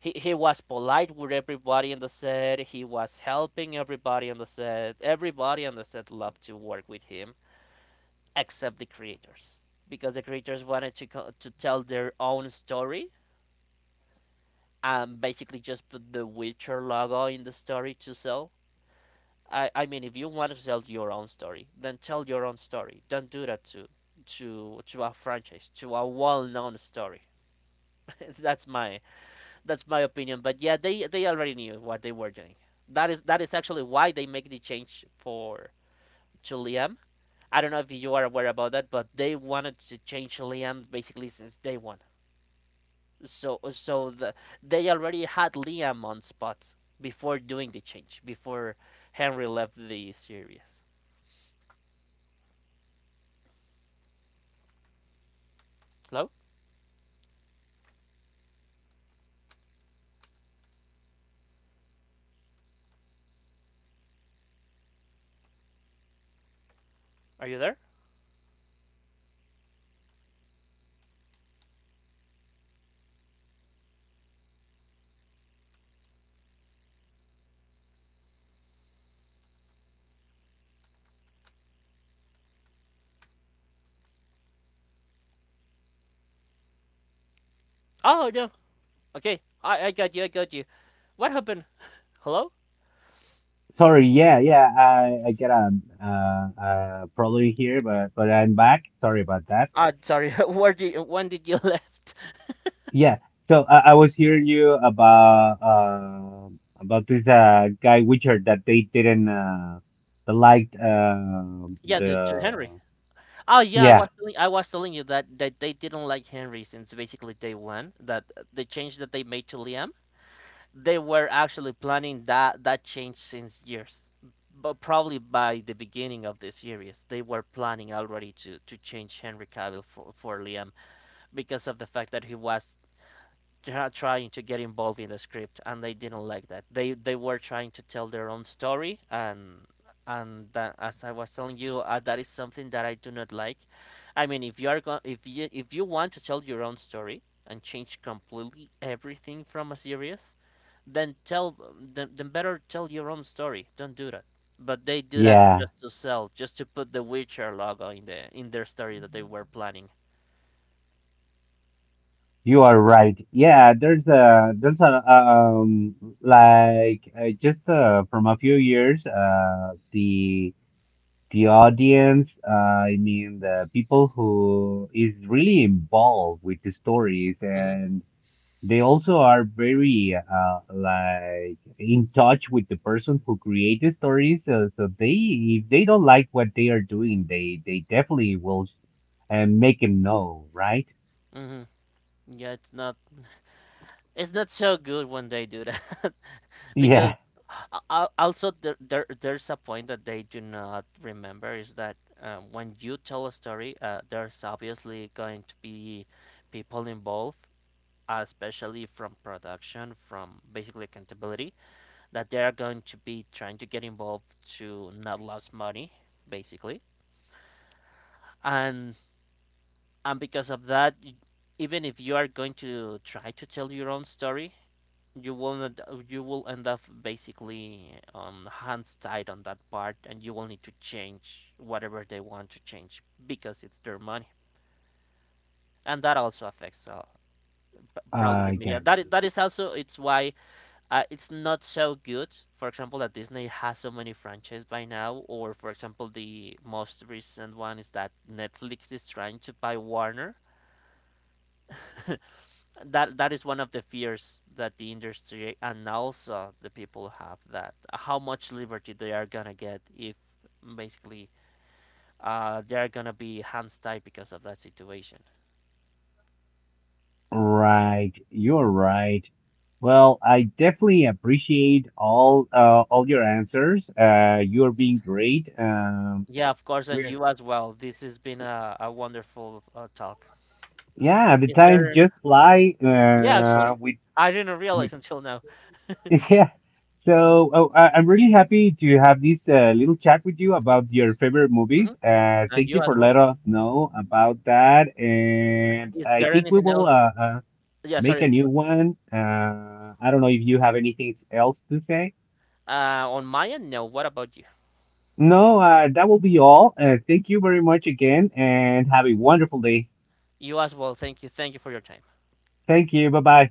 Speaker 1: He was polite with everybody on the set. He was helping everybody on the set. Everybody on the set loved to work with him, except the creators, because the creators wanted to tell their own story and basically just put the Witcher logo in the story to sell. I mean, if you want to sell your own story, then tell your own story. Don't do that to a franchise, to a well-known story. [LAUGHS] that's my that's my opinion. But yeah, they already knew what they were doing. That is actually why they make the change for to Liam. I don't know if you are aware about that, but they wanted to change Liam basically since day one. So they already had Liam on spot before doing the change, before Henry left the series. Hello? Are you there? Oh no. Okay. I got you, I got you. What happened? Hello?
Speaker 2: Sorry, yeah, yeah, I get a problem here, but I'm back. Sorry about that.
Speaker 1: Ah, sorry. [LAUGHS] Where did When did you [LAUGHS] left?
Speaker 2: Yeah, so I was hearing you about this guy Witcher that they didn't liked
Speaker 1: Yeah, to Henry.
Speaker 2: the.
Speaker 1: Oh yeah,
Speaker 2: Yeah,
Speaker 1: I was telling you that, that they didn't like Henry since basically day one. That the change that they made to Liam, they were actually planning that change since years, but probably by the beginning of the series they were planning already to change Henry Cavill for Liam because of the fact that he was trying to get involved in the script and they didn't like that. They were trying to tell their own story, and that, as I was telling you, that is something that I do not like. I mean, if you are if you, if you want to tell your own story and change completely everything from a series, then tell, then better tell your own story. Don't do that. But they do that
Speaker 2: yeah,
Speaker 1: just to sell, just to put the Witcher logo in the in their story that they were planning.
Speaker 2: you are right. Yeah, there's a like just from a few years. The audience, I mean the people who is really involved with the stories,
Speaker 1: hmm
Speaker 2: and they also are very like in touch with the person who create the stories. So they if they don't like what they are doing, they definitely will and make him know, right? [LAUGHS]
Speaker 1: hmm yeah, it's not, it's not so good when they do that. [LAUGHS] Because
Speaker 2: Yeah,
Speaker 1: also there, there's a point that they do not remember, is that when you tell a story, there's obviously going to be people involved, especially from production, from basically accountability, that they are going to be trying to get involved to not lose money, basically. And and because of that, even if you are going to try to tell your own story, you will not, you will end up basically on hands tied on that part, and you will need to change whatever they want to change because it's their money, and that also affects probably the
Speaker 2: I got
Speaker 1: media.
Speaker 2: you.
Speaker 1: That is also it's why it's not so good. For example, that Disney has so many franchises by now, or for example, the most recent one is that Netflix is trying to buy Warner. [LAUGHS] That is one of the fears that the industry and also the people have, that how much liberty they are gonna get if basically they are gonna be hands tied because of that situation.
Speaker 2: Right, you're right. Well, I definitely appreciate all your answers. You're being great.
Speaker 1: Yeah, of course, and
Speaker 2: We're
Speaker 1: you as well. This has been a wonderful talk.
Speaker 2: Yeah, the
Speaker 1: Is
Speaker 2: time
Speaker 1: there?
Speaker 2: just fly.
Speaker 1: Yeah, actually, I didn't
Speaker 2: With
Speaker 1: realize until now.
Speaker 2: [LAUGHS] yeah. So oh, I'm really happy to have this little chat with you about your favorite movies.
Speaker 1: Mhm. And
Speaker 2: Thank you
Speaker 1: you as
Speaker 2: for
Speaker 1: well.
Speaker 2: letting us know about that, and
Speaker 1: Is
Speaker 2: I
Speaker 1: there
Speaker 2: think we
Speaker 1: anything
Speaker 2: will
Speaker 1: else? Yeah,
Speaker 2: make
Speaker 1: sorry.
Speaker 2: a new one. I don't know if you have anything else to say.
Speaker 1: On my end, no. What about you?
Speaker 2: No, that will be all. Thank you very much again and have a wonderful day.
Speaker 1: You as well. Thank you. Thank you for your time.
Speaker 2: Thank you. Bye bye.